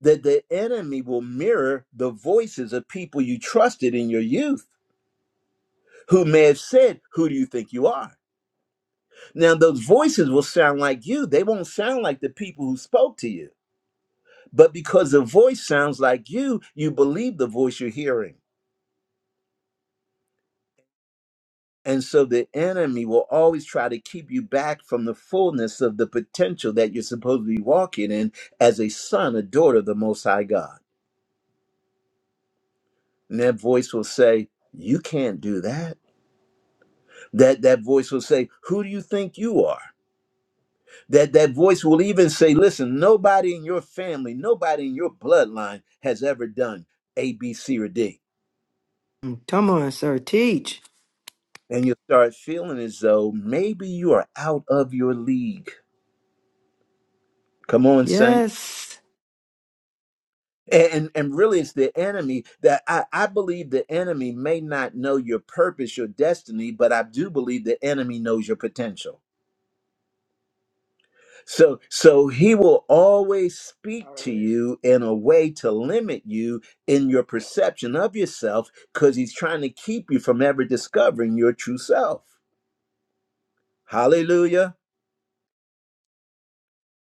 that the enemy will mirror the voices of people you trusted in your youth who may have said, Who do you think you are? Now, those voices will sound like you, they won't sound like the people who spoke to you. But because the voice sounds like you, you believe the voice you're hearing. And so the enemy will always try to keep you back from the fullness of the potential that you're supposed to be walking in as a son, a daughter of the Most High God. And that voice will say, you can't do that. That that voice will say, "Who do you think you are?" That that voice will even say, "Listen, nobody in your family, nobody in your bloodline has ever done A, B, C, or D."
Come on, sir. Teach.
And you start feeling as though maybe you are out of your league. Come on, saints.
Yes.
and and really it's the enemy that I, I believe the enemy may not know your purpose your destiny but i do believe the enemy knows your potential so so he will always
talk.
speak to
Hallelujah.
you in a way to limit you in your perception of yourself because he's trying to keep you from ever discovering your true self hallelujah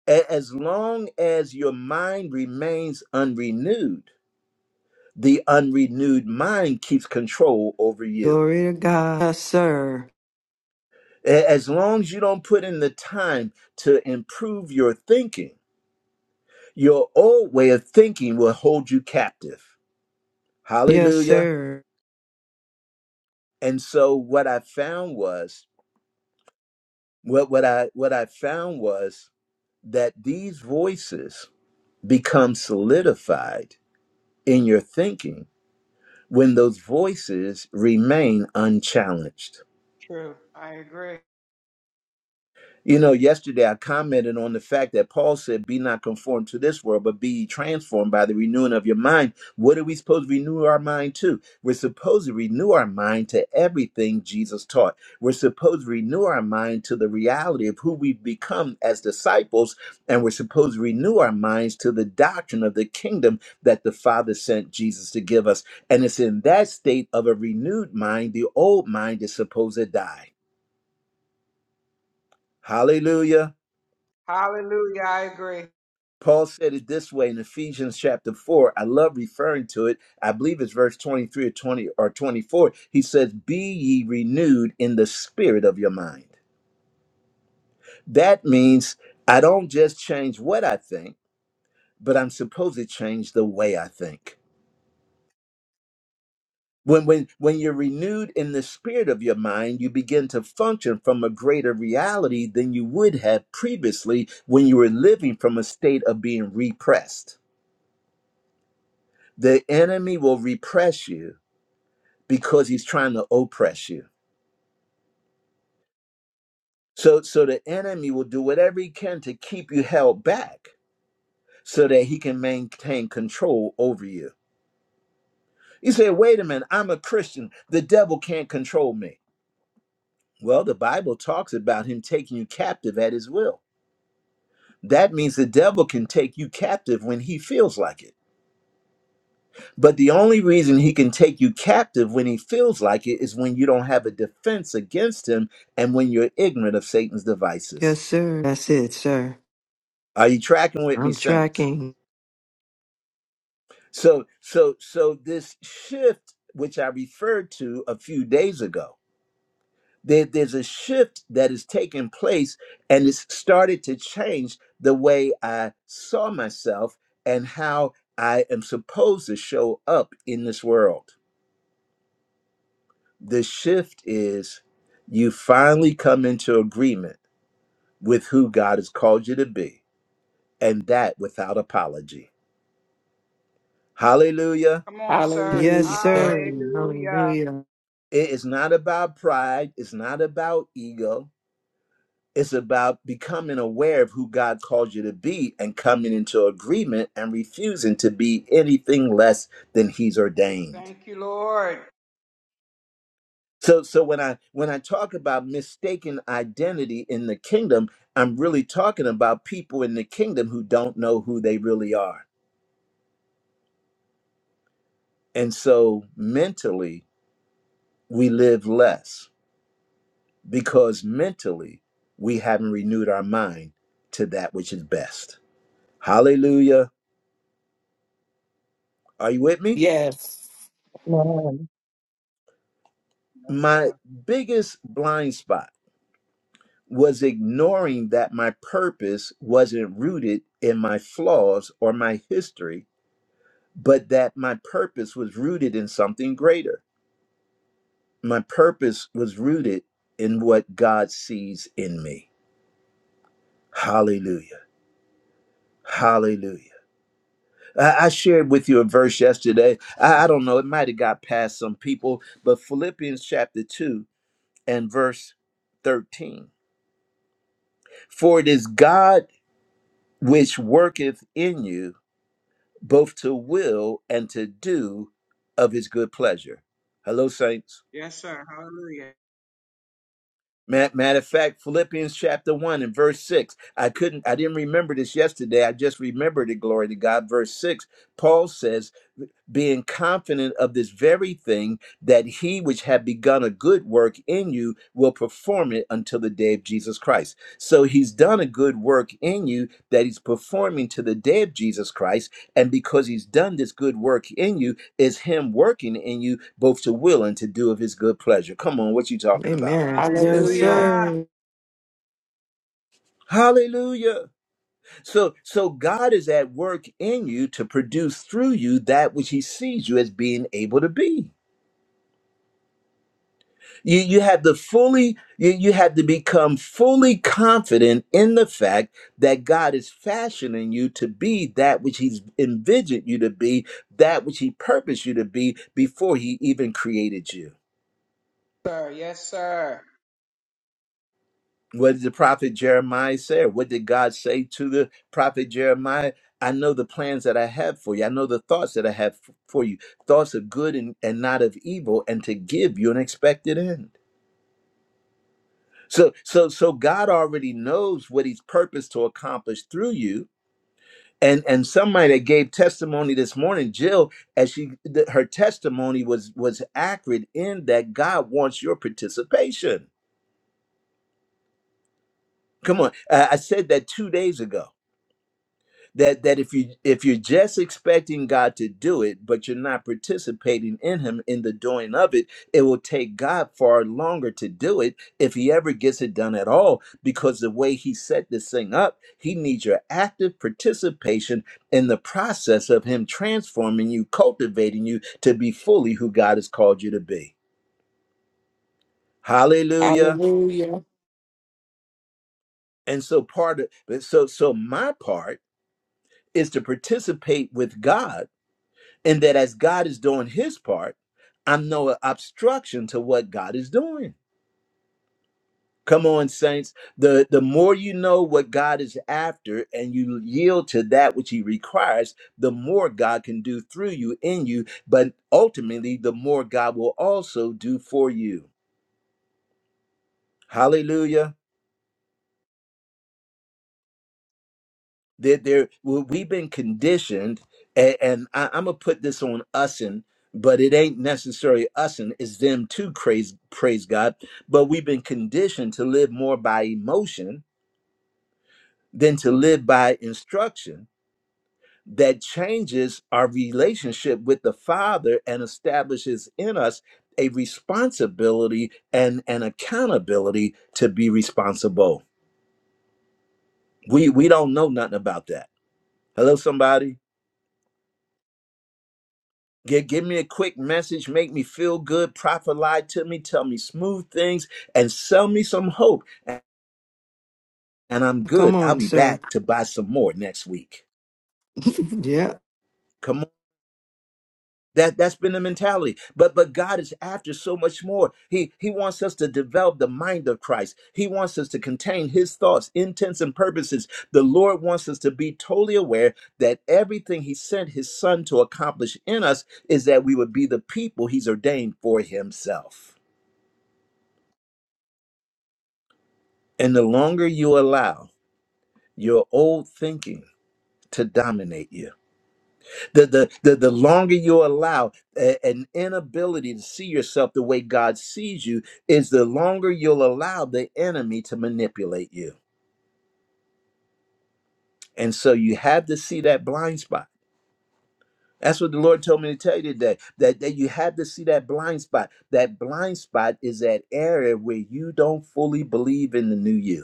A- as long as your mind remains unrenewed the unrenewed mind keeps control over you
Glory to God. Yes, sir.
A- As long as you don't put in the time to improve your thinking, your old way of thinking will hold you captive.
Yes,
Hallelujah.
sir.
And so what I found was what what I what I found was that these voices become solidified in your thinking when those voices remain unchallenged.
True. I agree.
You know, yesterday I commented on the fact that Paul said, Be not conformed to this world, but be ye transformed by the renewing of your mind. What are we supposed to renew our mind to? We're supposed to renew our mind to everything Jesus taught. We're supposed to renew our mind to the reality of who we've become as disciples, and we're supposed to renew our minds to the doctrine of the kingdom that the Father sent Jesus to give us. And it's in that state of a renewed mind, the old mind is supposed to die. Hallelujah.
Hallelujah. I agree.
Paul said it this way in Ephesians chapter 4. I love referring to it. I believe it's verse 23 or 20 or 24. He says, "Be ye renewed in the spirit of your mind." That means I don't just change what I think, but I'm supposed to change the way I think. When when when you're renewed in the spirit of your mind, you begin to function from a greater reality than you would have previously when you were living from a state of being repressed. The enemy will repress you because he's trying to oppress you. So so the enemy will do whatever he can to keep you held back so that he can maintain control over you. You say, wait a minute, I'm a Christian. The devil can't control me. Well, the Bible talks about him taking you captive at his will. That means the devil can take you captive when he feels like it. But the only reason he can take you captive when he feels like it is when you don't have a defense against him and when you're ignorant of Satan's devices.
Yes, sir. That's it, sir.
Are you tracking with me,
I'm
saints?
tracking.
So so so this shift which I referred to a few days ago, there, there's a shift that is taking place and it's started to change the way I saw myself and how I am supposed to show up in this world. The shift is you finally come into agreement with who God has called you to be, and that without apology. Hallelujah.
Come on, sir.
Yes,
Hallelujah.
sir.
Hallelujah.
Hallelujah.
It is not about pride, it's not about ego. It's about becoming aware of who God called you to be and coming into agreement and refusing to be anything less than he's ordained.
Thank you, Lord.
So so when I when I talk about mistaken identity in the kingdom, I'm really talking about people in the kingdom who don't know who they really are. And so mentally we live less because mentally we haven't renewed our mind to that which is best. Hallelujah. Are you with me?
Yes.
Amen.
Yes,
my
sir.
biggest blind spot was ignoring that my purpose wasn't rooted in my flaws or my history, but that my purpose was rooted in something greater. My purpose was rooted in what God sees in me. Hallelujah. Hallelujah. I I shared with you a verse yesterday. I I don't know, it might have got past some people, but Philippians chapter 2 and verse 13. For it is God which worketh in you both to will and to do of his good pleasure. Hello, saints.
Yes, sir. Hallelujah.
Matter of fact, Philippians chapter 1 and verse 6. I couldn't, I didn't remember this yesterday. I just remembered it, glory to God. Verse 6, Paul says, being confident of this very thing, that he which had begun a good work in you will perform it until the day of Jesus Christ. So he's done a good work in you that he's performing to the day of Jesus Christ. And because he's done this good work in you, is him working in you both to will and to do of his good pleasure. Come on, what you talking about?
Amen. Yes,
Hallelujah.
Hallelujah.
sir.
Hallelujah. So so God is at work in you to produce through you that which he sees you as being able to be. You you have to fully you, you have to become fully confident in the fact that God is fashioning you to be that which he's envisioned you to be, that which he purposed you to be before he even created you.
Sir. Yes, sir.
What did the prophet Jeremiah say? What did God say to the prophet Jeremiah? I know the plans that I have for you. I know the thoughts that I have f- for you. Thoughts of good and, and not of evil, and to give you an expected end. So so so God already knows what he's purposed to accomplish through you. And and somebody that gave testimony this morning, Jill, as she th- her testimony was was accurate in that God wants your participation. Come on. I I said that two days ago that that if you if you're just expecting God to do it but you're not participating in him in the doing of it it will take God far longer to do it if he ever gets it done at all because the way he set this thing up he needs your active participation in the process of him transforming you cultivating you to be fully who God has called you to be hallelujah
Hallelujah.
and so part of so so my part is to participate with God And that as God is doing his part, I'm no obstruction to what God is doing. Come on, saints. The, the more you know what God is after and you yield to that which he requires, the more God can do through you, in you, but ultimately, the more God will also do for you. Hallelujah. That there, well, we've been conditioned, and, and I, I'm gonna put this on us and, but it ain't necessarily us and it's them too. Praise, praise God. But we've been conditioned to live more by emotion than to live by instruction. That changes our relationship with the Father and establishes in us a responsibility and an accountability to be responsible. We we don't know nothing about that. Hello, somebody. Give, give me a quick message, make me feel good, Prophet prophesy to me, tell me smooth things, and sell me some hope. And I'm
Come
good. I'll
on,
be
sir.
back to buy some more next week.
Yeah.
Come on. That that's been the mentality. But but God is after so much more. He he wants us to develop the mind of Christ. He wants us to contain his thoughts, intents, and purposes. The Lord wants us to be totally aware that everything he sent his son to accomplish in us is that we would be the people he's ordained for himself. And the longer you allow your old thinking to dominate you, the, the, the, the longer you allow a- an inability to see yourself the way God sees you, is the longer you'll allow the enemy to manipulate you. And so you have to see that blind spot. That's what the Lord told me to tell you today that, that you have to see that blind spot. That blind spot is that area where you don't fully believe in the new you.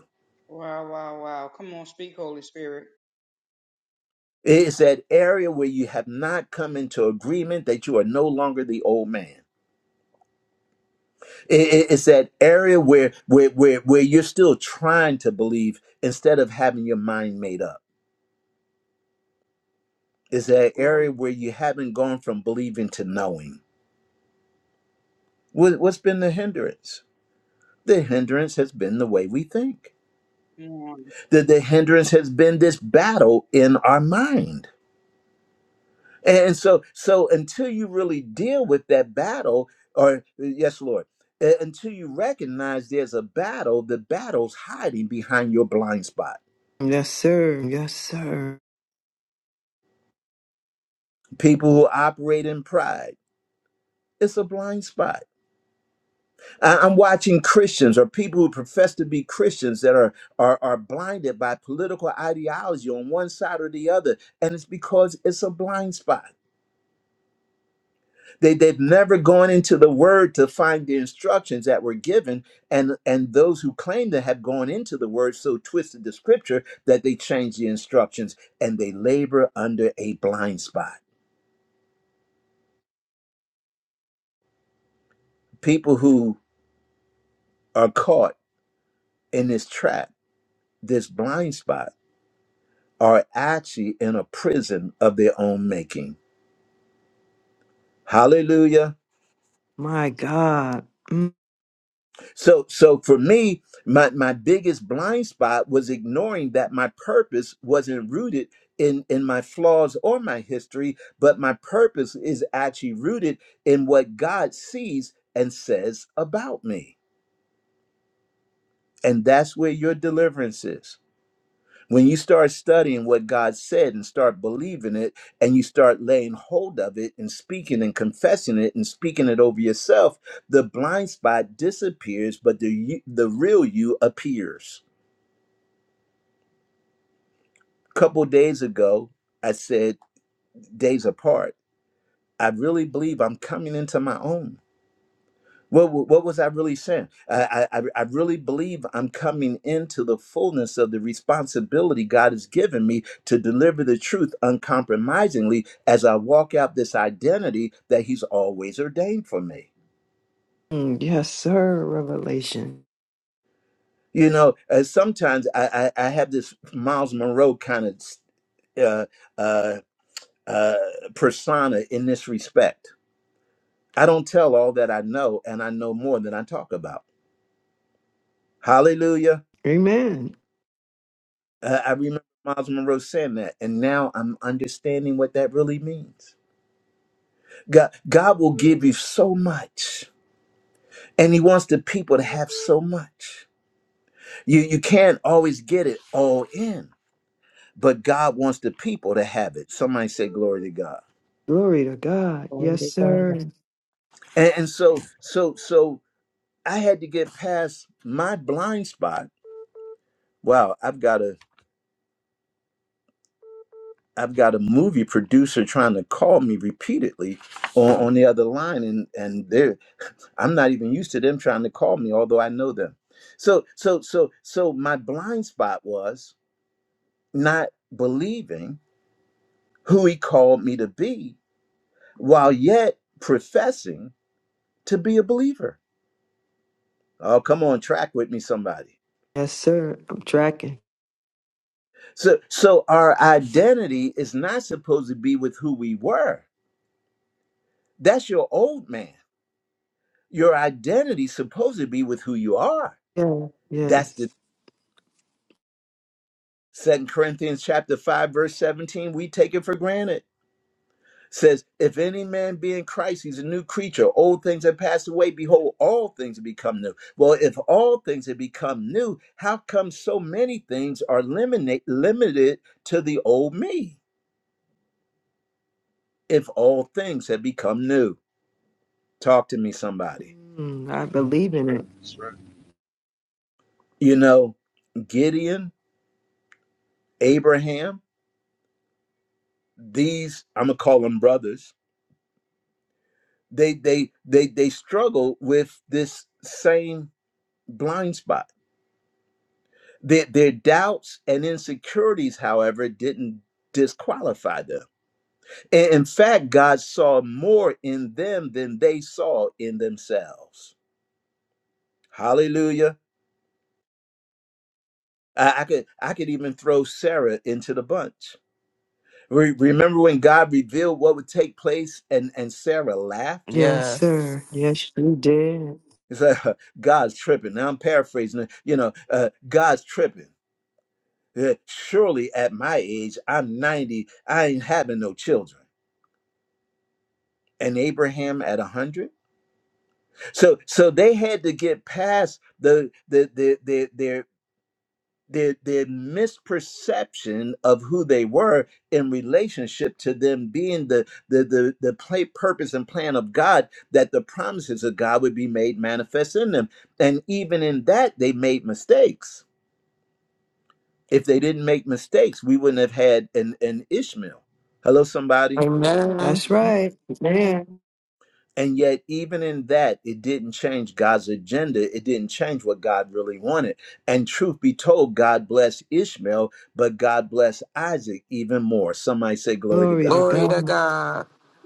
Wow, wow, wow. Come on, speak, Holy Spirit.
It's that area where you have not come into agreement that you are no longer the old man. I- i- It's that area where, where, where, where you're still trying to believe instead of having your mind made up. It's that area
Glory.
where you haven't gone from believing to knowing. What, what's been the hindrance? The hindrance has been the way we think.
Come on.
The, the hindrance has been this battle in our mind And so, so until you really deal with that battle, or uh, yes, Lord, uh, until you recognize there's a battle, the battle's hiding behind your blind spot.
Yes, sir. Yes, sir.
People who operate in pride, it's a blind spot. I- I'm watching Christians or people who profess to be Christians that are, are are blinded by political ideology on one side or the other, and it's because it's a blind spot. They, they've never gone into the word to find the instructions that were given. And, and those who claim to have gone into the word so twisted the scripture that they change the instructions and they labor under a blind spot. People who are caught in this trap, this blind spot, are actually in a prison of their own making. Hallelujah.
My God. Mm,
So so for me, my, my biggest blind spot was ignoring that my purpose wasn't rooted in, in my flaws or my history, but my purpose is actually rooted in what God sees and says about me. And that's where your deliverance is. When you start studying what God said and start believing it, and you start laying hold of it and speaking and confessing it and speaking it over yourself, the blind spot disappears, but the you- the real you appears. A couple days ago, I said days apart. I really believe I'm coming into my own. What, wa- what was I really saying? I, I, I I really believe I'm coming into the fullness of the responsibility God has given me to deliver the truth uncompromisingly as I walk out this identity that He's always ordained for me.
Yes, sir. Revelation.
You know, uh, sometimes I, I, I have this Miles Monroe kind of uh, uh, uh, persona in this respect. I don't tell all that I know, and I know more than I talk about. Hallelujah.
Amen.
Uh, I remember Miles Monroe saying that, and now I'm understanding what that really means. God, God will give you so much, and He wants the people to have so much. You you can't always get it all in, but God wants the people to have it. Somebody say, "Glory to God!"
Glory to God.
Glory
Yes,
to God.
sir.
And, and so, so, so, I had to get past my blind spot. Wow, I've got a I've got a movie producer trying to call me repeatedly on, on the other line, and and I'm not even used to them trying to call me, although I know them. So, so, so, so my blind spot was not believing who he called me to be while yet professing to be a believer. Oh, come on, track with me, somebody.
Yes, sir. I'm tracking.
So, so our identity is not supposed to be with who we were. That's your old man. Your identity is supposed to be with who you are.
Yeah.
That's
Yes.
the Second Corinthians chapter 5, verse 17. We take it for granted. says, If any man be in Christ, he's a new creature. Old things have passed away. Behold, all things have become new. Well, if all things have become new, how come so many things are limited, limited to the old me? If all things have become new, talk to me, somebody.
Mm, I
Mm.
believe in it.
That's right.
You know, Gideon, Abraham, these, I'm going to call them brothers, they, they, they, they struggle with this same blind spot Their, their doubts and insecurities, however, didn't disqualify them. In in fact, God saw more in them than they saw in themselves. Hallelujah. I, I could I could even throw Sarah into the bunch. Re- remember when God revealed what would take place and, and Sarah laughed?
Yes,
Yes.
sir. Yes, you did.
It's like, God's tripping. Now I'm paraphrasing it. You know, uh, God's tripping. Uh, Surely at my age, I'm 90, I ain't having no children. and Abraham at a 100. So so they had to get past the the the their their their their misperception of who they were in relationship to them being the the the the play, purpose and plan of God that the promises of God would be made manifest in them and even in that they made mistakes if they didn't make mistakes we wouldn't have had an an Ishmael hello somebody
Amen.
That's right. Man.
And yet, even in that, it didn't change God's agenda. It didn't change what God really wanted. And truth be told, God blessed Ishmael, but God blessed Isaac even more. Some might say, "Glory to
Glory to
God."
Glory to
God.
God.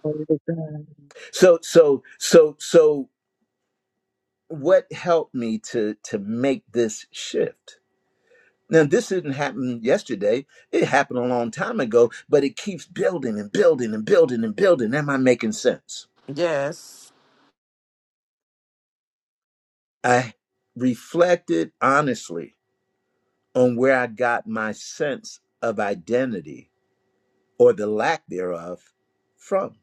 Glory to God.
So, so, so, so, what helped me to to make this shift? Now, this didn't happen yesterday. It happened a long time ago, but it keeps building and building and building and building. Am I making sense?
Yes.
I reflected honestly on where I got my sense of identity or the lack thereof from.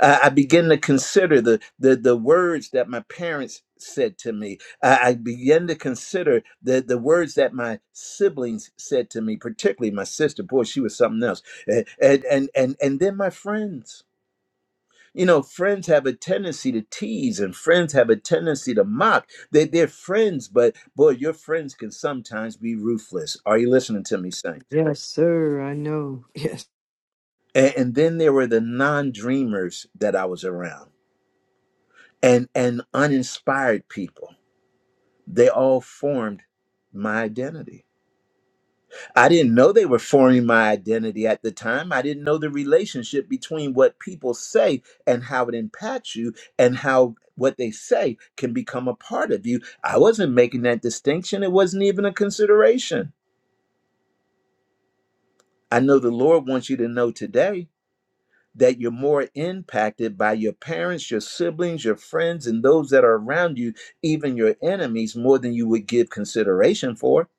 I, I begin to consider the, the the words that my parents said to me. I, I begin to consider the the words that my siblings said to me, particularly my sister. Boy, she was something else. And and and and, and then my friends. You know, friends have a tendency to tease and friends have a tendency to mock. They, they're friends, but boy, your friends can sometimes be ruthless. Are you listening to me, Saints?
Yes, sir. I know. Yes.
and, and then there were the non-dreamers that i was around and and uninspired people they all formed my identity i didn't know they were forming my identity at the time i didn't know the relationship between what people say and how it impacts you and how what they say can become a part of you i wasn't making that distinction it wasn't even a consideration i know the lord wants you to know today that you're more impacted by your parents, your siblings, your friends, and those that are around you, even your enemies, more than you would give consideration for.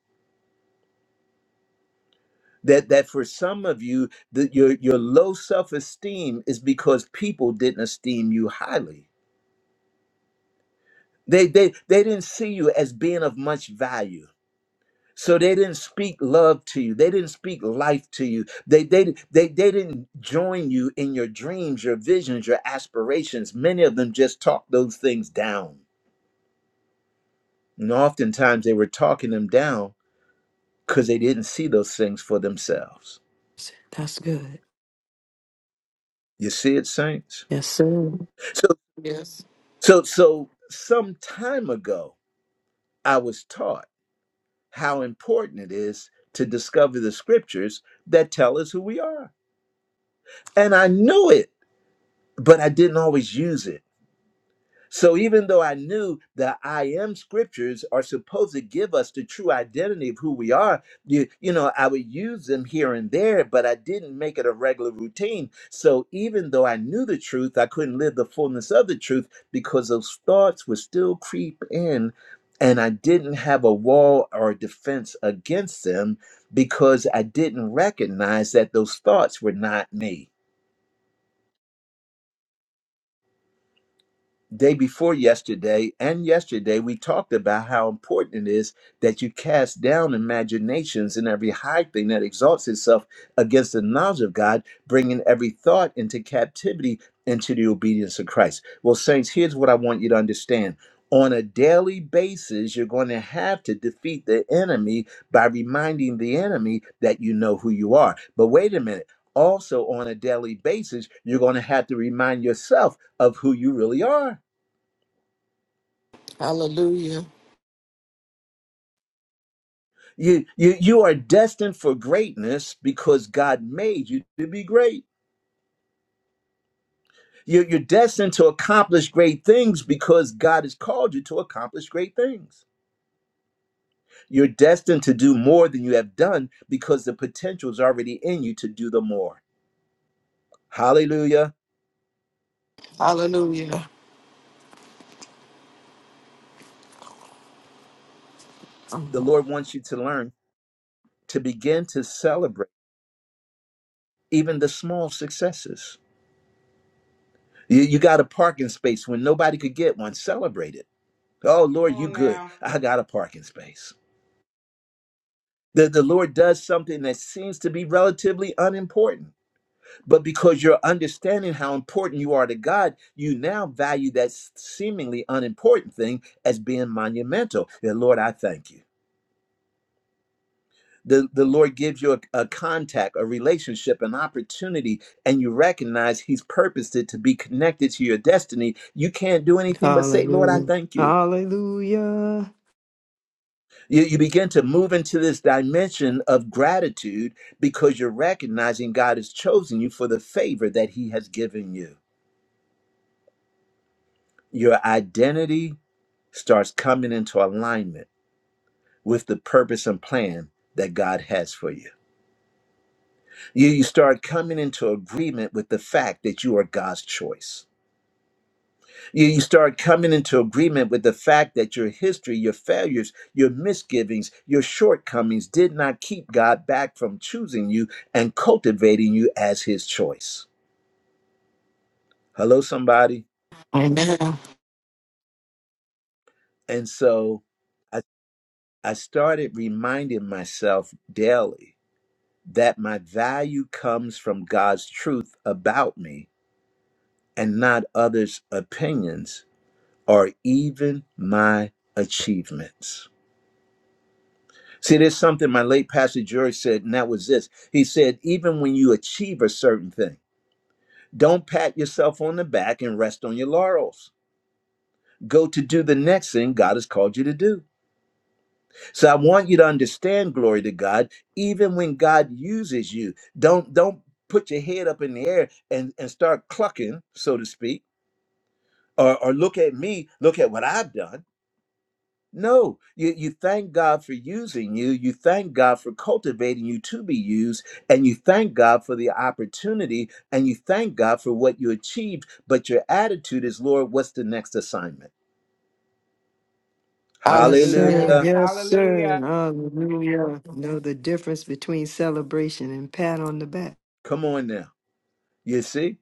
That that for some of you, that your your low self esteem is because people didn't esteem you highly. They they they didn't see you as being of much value. So they didn't speak love to you. They didn't speak life to you. They, they, they, they didn't join you in your dreams, your visions, your aspirations. Many of them just talked those things down. And oftentimes they were talking them down because they didn't see those things for themselves.
That's good.
You see it, saints?
Yes, sir.
So
Yes.
so so some time ago I was taught how important it is to discover the scriptures that tell us who we are. And I knew it, but I didn't always use it So even though I knew the I am scriptures are supposed to give us the true identity of who we are, you, you know, I would use them here and there, but I didn't make it a regular routine. So even though I knew the truth, I couldn't live the fullness of the truth because those thoughts would still creep in and I didn't have a wall or defense against them because I didn't recognize that those thoughts were not me. day before yesterday and yesterday we talked about how important it is that you cast down imaginations and every high thing that exalts itself against the knowledge of God, bringing every thought into captivity into the obedience of Christ. Well, saints, here's what I want you to understand. On a daily basis, you're going to have to defeat the enemy by reminding the enemy that you know who you are. But wait a minute. Also, on a daily basis, you're going to have to remind yourself of who you really are.
Hallelujah.
You, you, you are destined for greatness because God made you to be great. You're, you're destined to accomplish great things because God has called you to accomplish great things. You're destined to do more than you have done because the potential is already in you to do the more. Hallelujah.
Hallelujah.
The Lord wants you to learn to begin to celebrate even the small successes. You, you got a parking space when nobody could get one, celebrate it. Oh,
Come
Lord, you
on
good.
now.
I got a parking space that the Lord does something that seems to be relatively unimportant. But because you're understanding how important you are to God, you now value that seemingly unimportant thing as being monumental. The Lord, I thank you. The, the Lord gives you a, a contact, a relationship, an opportunity, and you recognize He's purposed it to be connected to your destiny. You can't do anything but say, Lord, I
Hallelujah.
thank you
Hallelujah.
You, you begin to move into this dimension of gratitude because you're recognizing God has chosen you for the favor that He has given you. Your identity starts coming into alignment with the purpose and plan that God has for you. You, you start coming into agreement with the fact that you are God's choice You, you start coming into agreement with the fact that your history, your failures, your misgivings, your shortcomings did not keep God back from choosing you and cultivating you as his choice. Hello, somebody.
Amen.
And so I, I started reminding myself daily that my value comes from God's truth about me and not others' opinions or even my achievements. See, there's something my late pastor George said, and that was this. He said, even when you achieve a certain thing, don't pat yourself on the back and rest on your laurels. Go to do the next thing God has called you to do. So I want you to understand, glory to God, even when God uses you, don't don't put your head up in the air and, and start clucking, so to speak, or, or look at me, look at what I've done No, you, you thank God for using you. You thank God for cultivating you to be used. And you thank God for the opportunity. And you thank God for what you achieved. But your attitude is, Lord, what's the next assignment?
Yes,
Hallelujah.
sir.
Yes.
Hallelujah.
Yes, sir.
Hallelujah.
Hallelujah. Know the difference between celebration and pat on the back.
Come on now. You see?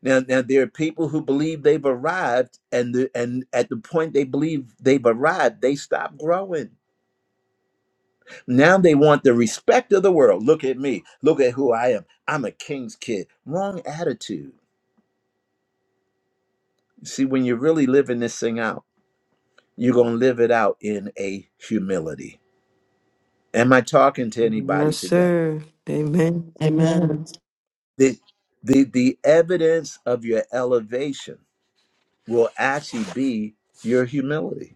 Now, now there are people who believe they've arrived, and the, and at the point they believe they've arrived, they stop growing. Now they want the respect of the world. Look at me. Look at who I am. I'm a king's kid. Wrong attitude. See, when you're really living this thing out, you're going to live it out in a humility. Am I talking to anybody
Yes,
today?
sir. Amen.
Amen.
Amen.
The, the, the evidence of your elevation will actually be your humility.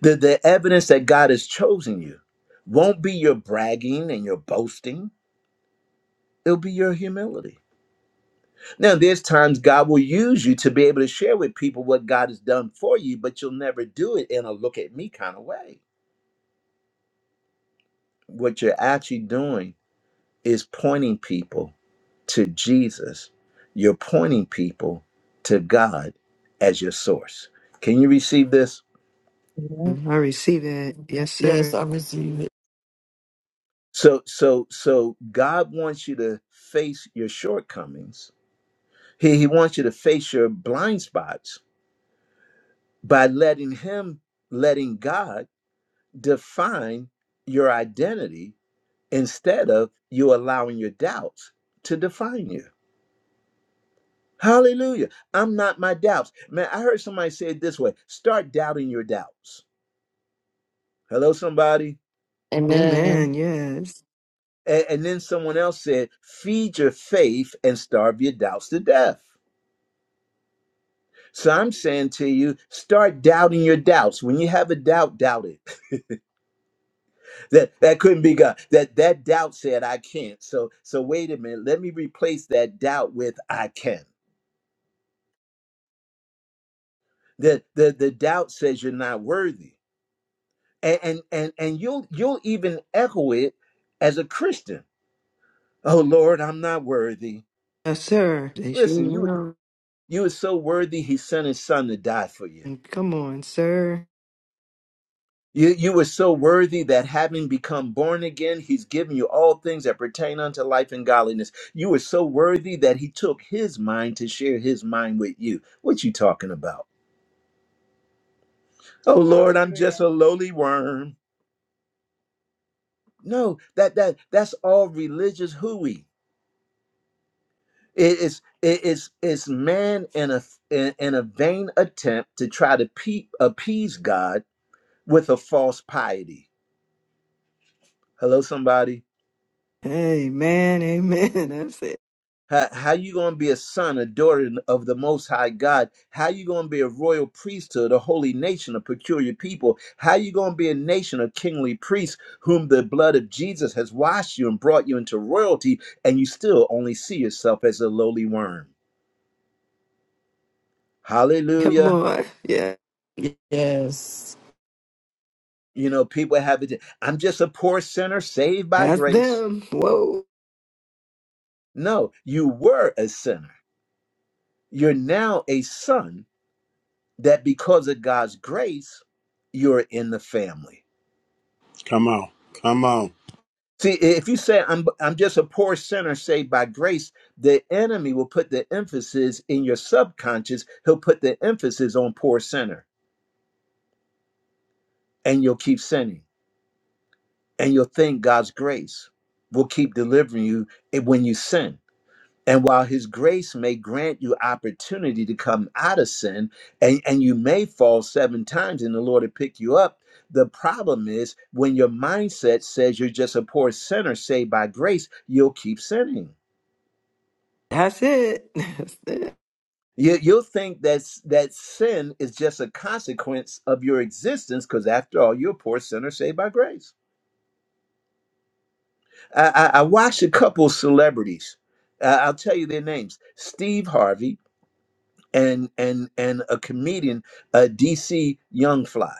The, the evidence that God has chosen you won't be your bragging and your boasting, it'll be your humility. Now, there's times God will use you to be able to share with people what God has done for you, but you'll never do it in a look at me kind of way. What you're actually doing is pointing people to Jesus. You're pointing people to God as your source. Can you receive this?
Amen.
I receive that. Yes,
Yes,
sir.
I receive it.
So so so God wants you to face your shortcomings. He, he wants you to face your blind spots by letting him letting God define your identity instead of you allowing your doubts to define you. Hallelujah. I'm not my doubts. Man, I heard somebody say it this way start doubting your doubts. Hello, somebody.
Amen.
Amen. Yes.
And, and then someone else said, feed your faith and starve your doubts to death. So I'm saying to you, start doubting your doubts. When you have a doubt, doubt it. That that couldn't be God. That that doubt said I can't. So so wait a minute. Let me replace that doubt with I can. The the the doubt says you're not worthy. And and and, and you'll you'll even echo it as a Christian Oh Lord, I'm not worthy.
Yes, sir. They sure
Listen, you
will.
you were so worthy he sent his son to die for you.
Come on, sir.
You you were so worthy that having become born again, he's given you all things that pertain unto life and godliness. You were so worthy that he took his mind to share his mind with you. What you talking about? Oh Lord, I'm just
Hallelujah.
a lowly worm. No, that that that's all religious hooey. It is it is it's man in a in in a vain attempt to try to pe- appease God with a false piety. Hello, somebody.
Amen. Amen. That's it.
How, how you going to be a son, a daughter of the Most High God? How you going to be a royal priesthood, a holy nation, a peculiar people? How you going to be a nation of kingly priests whom the blood of Jesus has washed you and brought you into royalty, and you still only see yourself as a lowly worm?
Come
Hallelujah.
on. Yeah.
Yes.
You know, people have it. I'm just a poor sinner saved by
That's
grace.
them. Whoa.
No, you were a sinner. You're now a son that because of God's grace, you're in the family.
Come on. Come on.
See, if you say I'm I'm just a poor sinner saved by grace, the enemy will put the emphasis in your subconscious. He'll put the emphasis on poor sinner, and you'll keep sinning, and you'll think God's grace will keep delivering you eh, when you sin And while his grace may grant you opportunity to come out of sin, and, and you may fall seven times and the Lord will pick you up, the problem is when your mindset says you're just a poor sinner saved by grace, you'll keep sinning.
That's it. That's it.
You, you'll think that's, that sin is just a consequence of your existence because, after all, you're a poor sinner saved by grace. I, I, I watched a couple celebrities. Uh, I'll tell you their names Steve Harvey and and and a comedian, uh, DC Youngfly.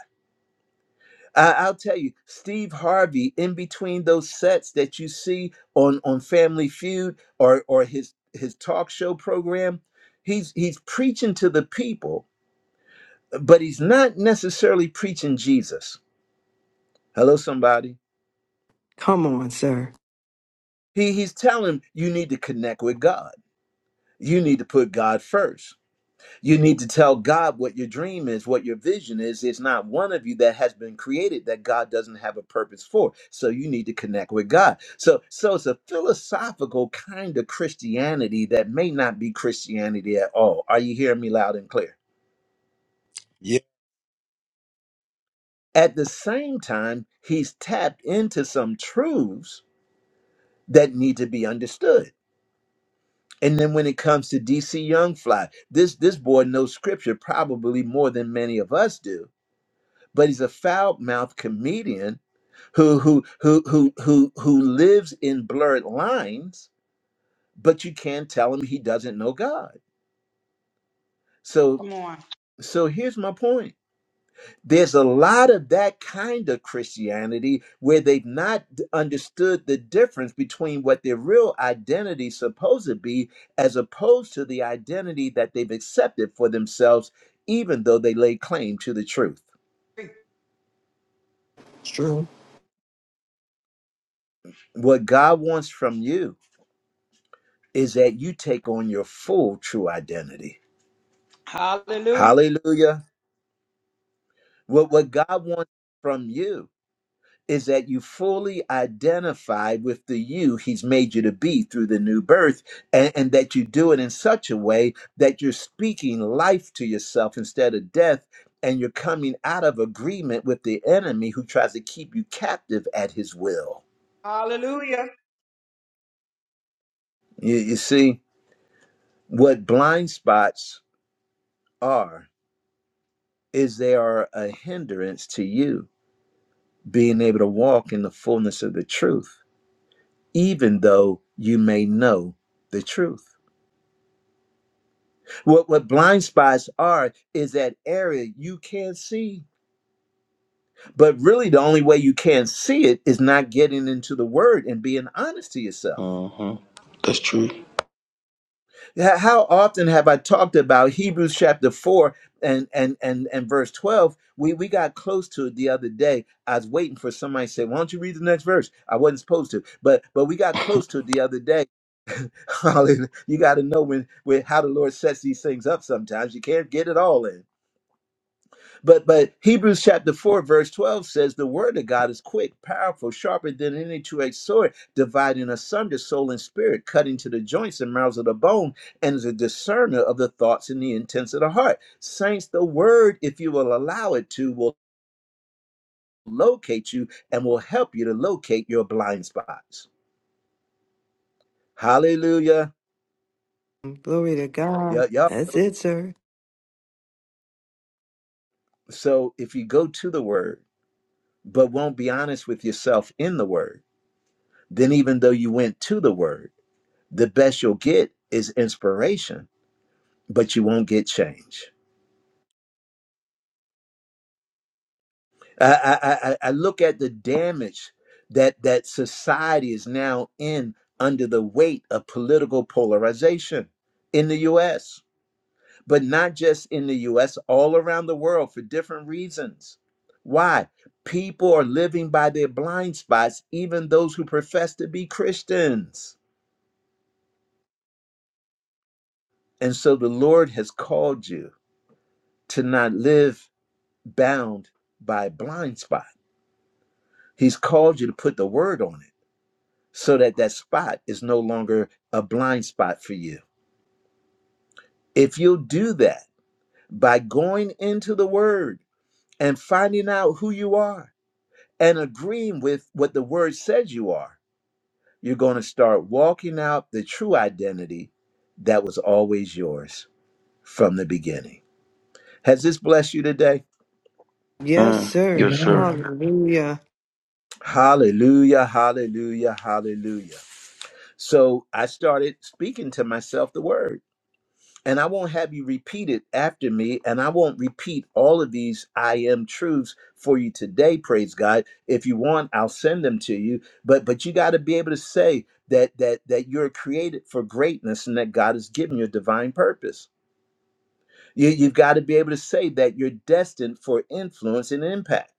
I, I'll tell you, Steve Harvey. In between those sets that you see on on Family Feud or or his his talk show program, he's he's preaching to the people, but he's not necessarily preaching Jesus. Hello, somebody.
Come on, sir.
He he's telling you need to connect with God. You need to put God first You need to tell God what your dream is, what your vision is. It's not one of you that has been created that God doesn't have a purpose for. So you need to connect with God. So so it's a philosophical kind of Christianity that may not be Christianity at all. Are you hearing me loud and clear? At the same time, he's tapped into some truths that need to be understood. And then when it comes to DC Young Fly, this this boy knows scripture probably more than many of us do but he's a foul-mouthed comedian who who who who who who lives in blurred lines but you can't tell him he doesn't know god so
Come on.
so here's my point there's a lot of that kind of christianity where they've not d- understood the difference between what their real identity is supposed to be as opposed to the identity that they've accepted for themselves even though they lay claim to the truth
True.
what god wants from you is that you take on your full true identity.
Hallelujah.
Hallelujah. What, what God wants from you is that you fully identify with the you he's made you to be through the new birth and, and that you do it in such a way that you're speaking life to yourself instead of death and you're coming out of agreement with the enemy who tries to keep you captive at his will
Hallelujah.
you, you see what blind spots are is they are a hindrance to you being able to walk in the fullness of the truth, even though you may know the truth. What what blind spots are is that area you can't see. But really the only way you can see it is not getting into the word and being honest to yourself.
Uh huh.
Yeah, How often have I talked about Hebrews chapter 4 and and and, and verse 12? We we got close to it the other day. I was waiting for somebody to say, Why don't you read the next verse? I wasn't supposed to, but but we got close to it the other day Hallelujah. You got to know when, when how the Lord sets these things up sometimes. You can't get it all in. But but Hebrews chapter 4, verse 12 says the word of God is quick, powerful, sharper than any two-edged sword, dividing asunder soul and spirit, cutting to the joints and marrows of the bone, and is a discerner of the thoughts and the intents of the heart. Saints, the word, if you will allow it to, will locate you and will help you to locate your blind spots. Hallelujah.
Glory to God.
Yeah, yeah.
That's it, sir.
So if you go to the word but won't be honest with yourself in the word, then even though you went to the word, the best you'll get is inspiration, but you won't get change. I, I, I look at the damage that that society is now in under the weight of political polarization in the U.S., but not just in the U.S., all around the world for different reasons. Why? People are living by their blind spots, even those who profess to be Christians And so the Lord has called you to not live bound by a blind spot. He's called you to put the word on it so that that spot is no longer a blind spot for you. If you'll do that by going into the word and finding out who you are and agreeing with what the word says you are, you're going to start walking out the true identity that was always yours from the beginning. Has this blessed you today?
Yes,
Mm.
sir.
Yes, sir.
Amen.
Hallelujah.
Hallelujah, hallelujah, hallelujah. So I started speaking to myself the word. And I won't have you repeat it after me. And I won't repeat all of these I am truths for you today, praise God. If you want, I'll send them to you. But but you got to be able to say that that that you're created for greatness and that God has given you a divine purpose. You, you've got to be able to say that you're destined for influence and impact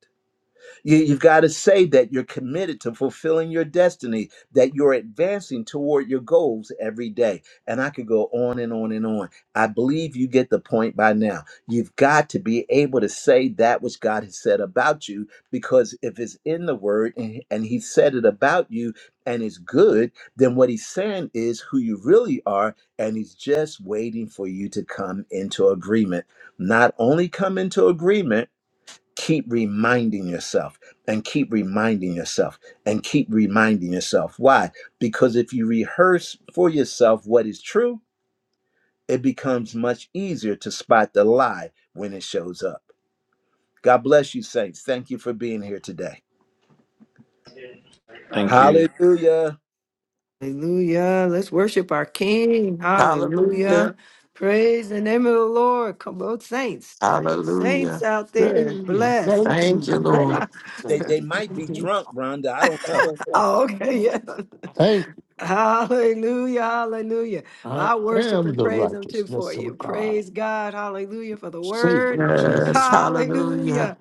you, you've got to say that you're committed to fulfilling your destiny, that you're advancing toward your goals every day. And I could go on and on and on. I believe you get the point by now. You've got to be able to say that which God has said about you, because if it's in the word and, and He said it about you and it's good, then what He's saying is who you really are, and He's just waiting for you to come into agreement. Not only come into agreement, keep reminding yourself and keep reminding yourself and keep reminding yourself. Why? Because if you rehearse for yourself what is true, it becomes much easier to spot the lie when it shows up. God bless you, saints. Thank you for being here today.
Thank you.
Hallelujah.
Hallelujah. Let's worship our King.
Hallelujah.
Hallelujah. Praise the name of the Lord. Come on, saints. Saints
Hallelujah.
out there.
Praise, Thank
Blessed. Come
Thank
you.
you, Lord.
They,
on.
they might be drunk, Rhonda. I don't know.
Oh,
Thank
okay.
you.
Yeah.
Thank you.
Hallelujah, hallelujah. Well,
I
I worship
am
and
the
praise Him too for
righteousness
you.
of God.
Praise God, hallelujah, for the word.
Savior
Yes.
Jesus.
Hallelujah.
Hallelujah.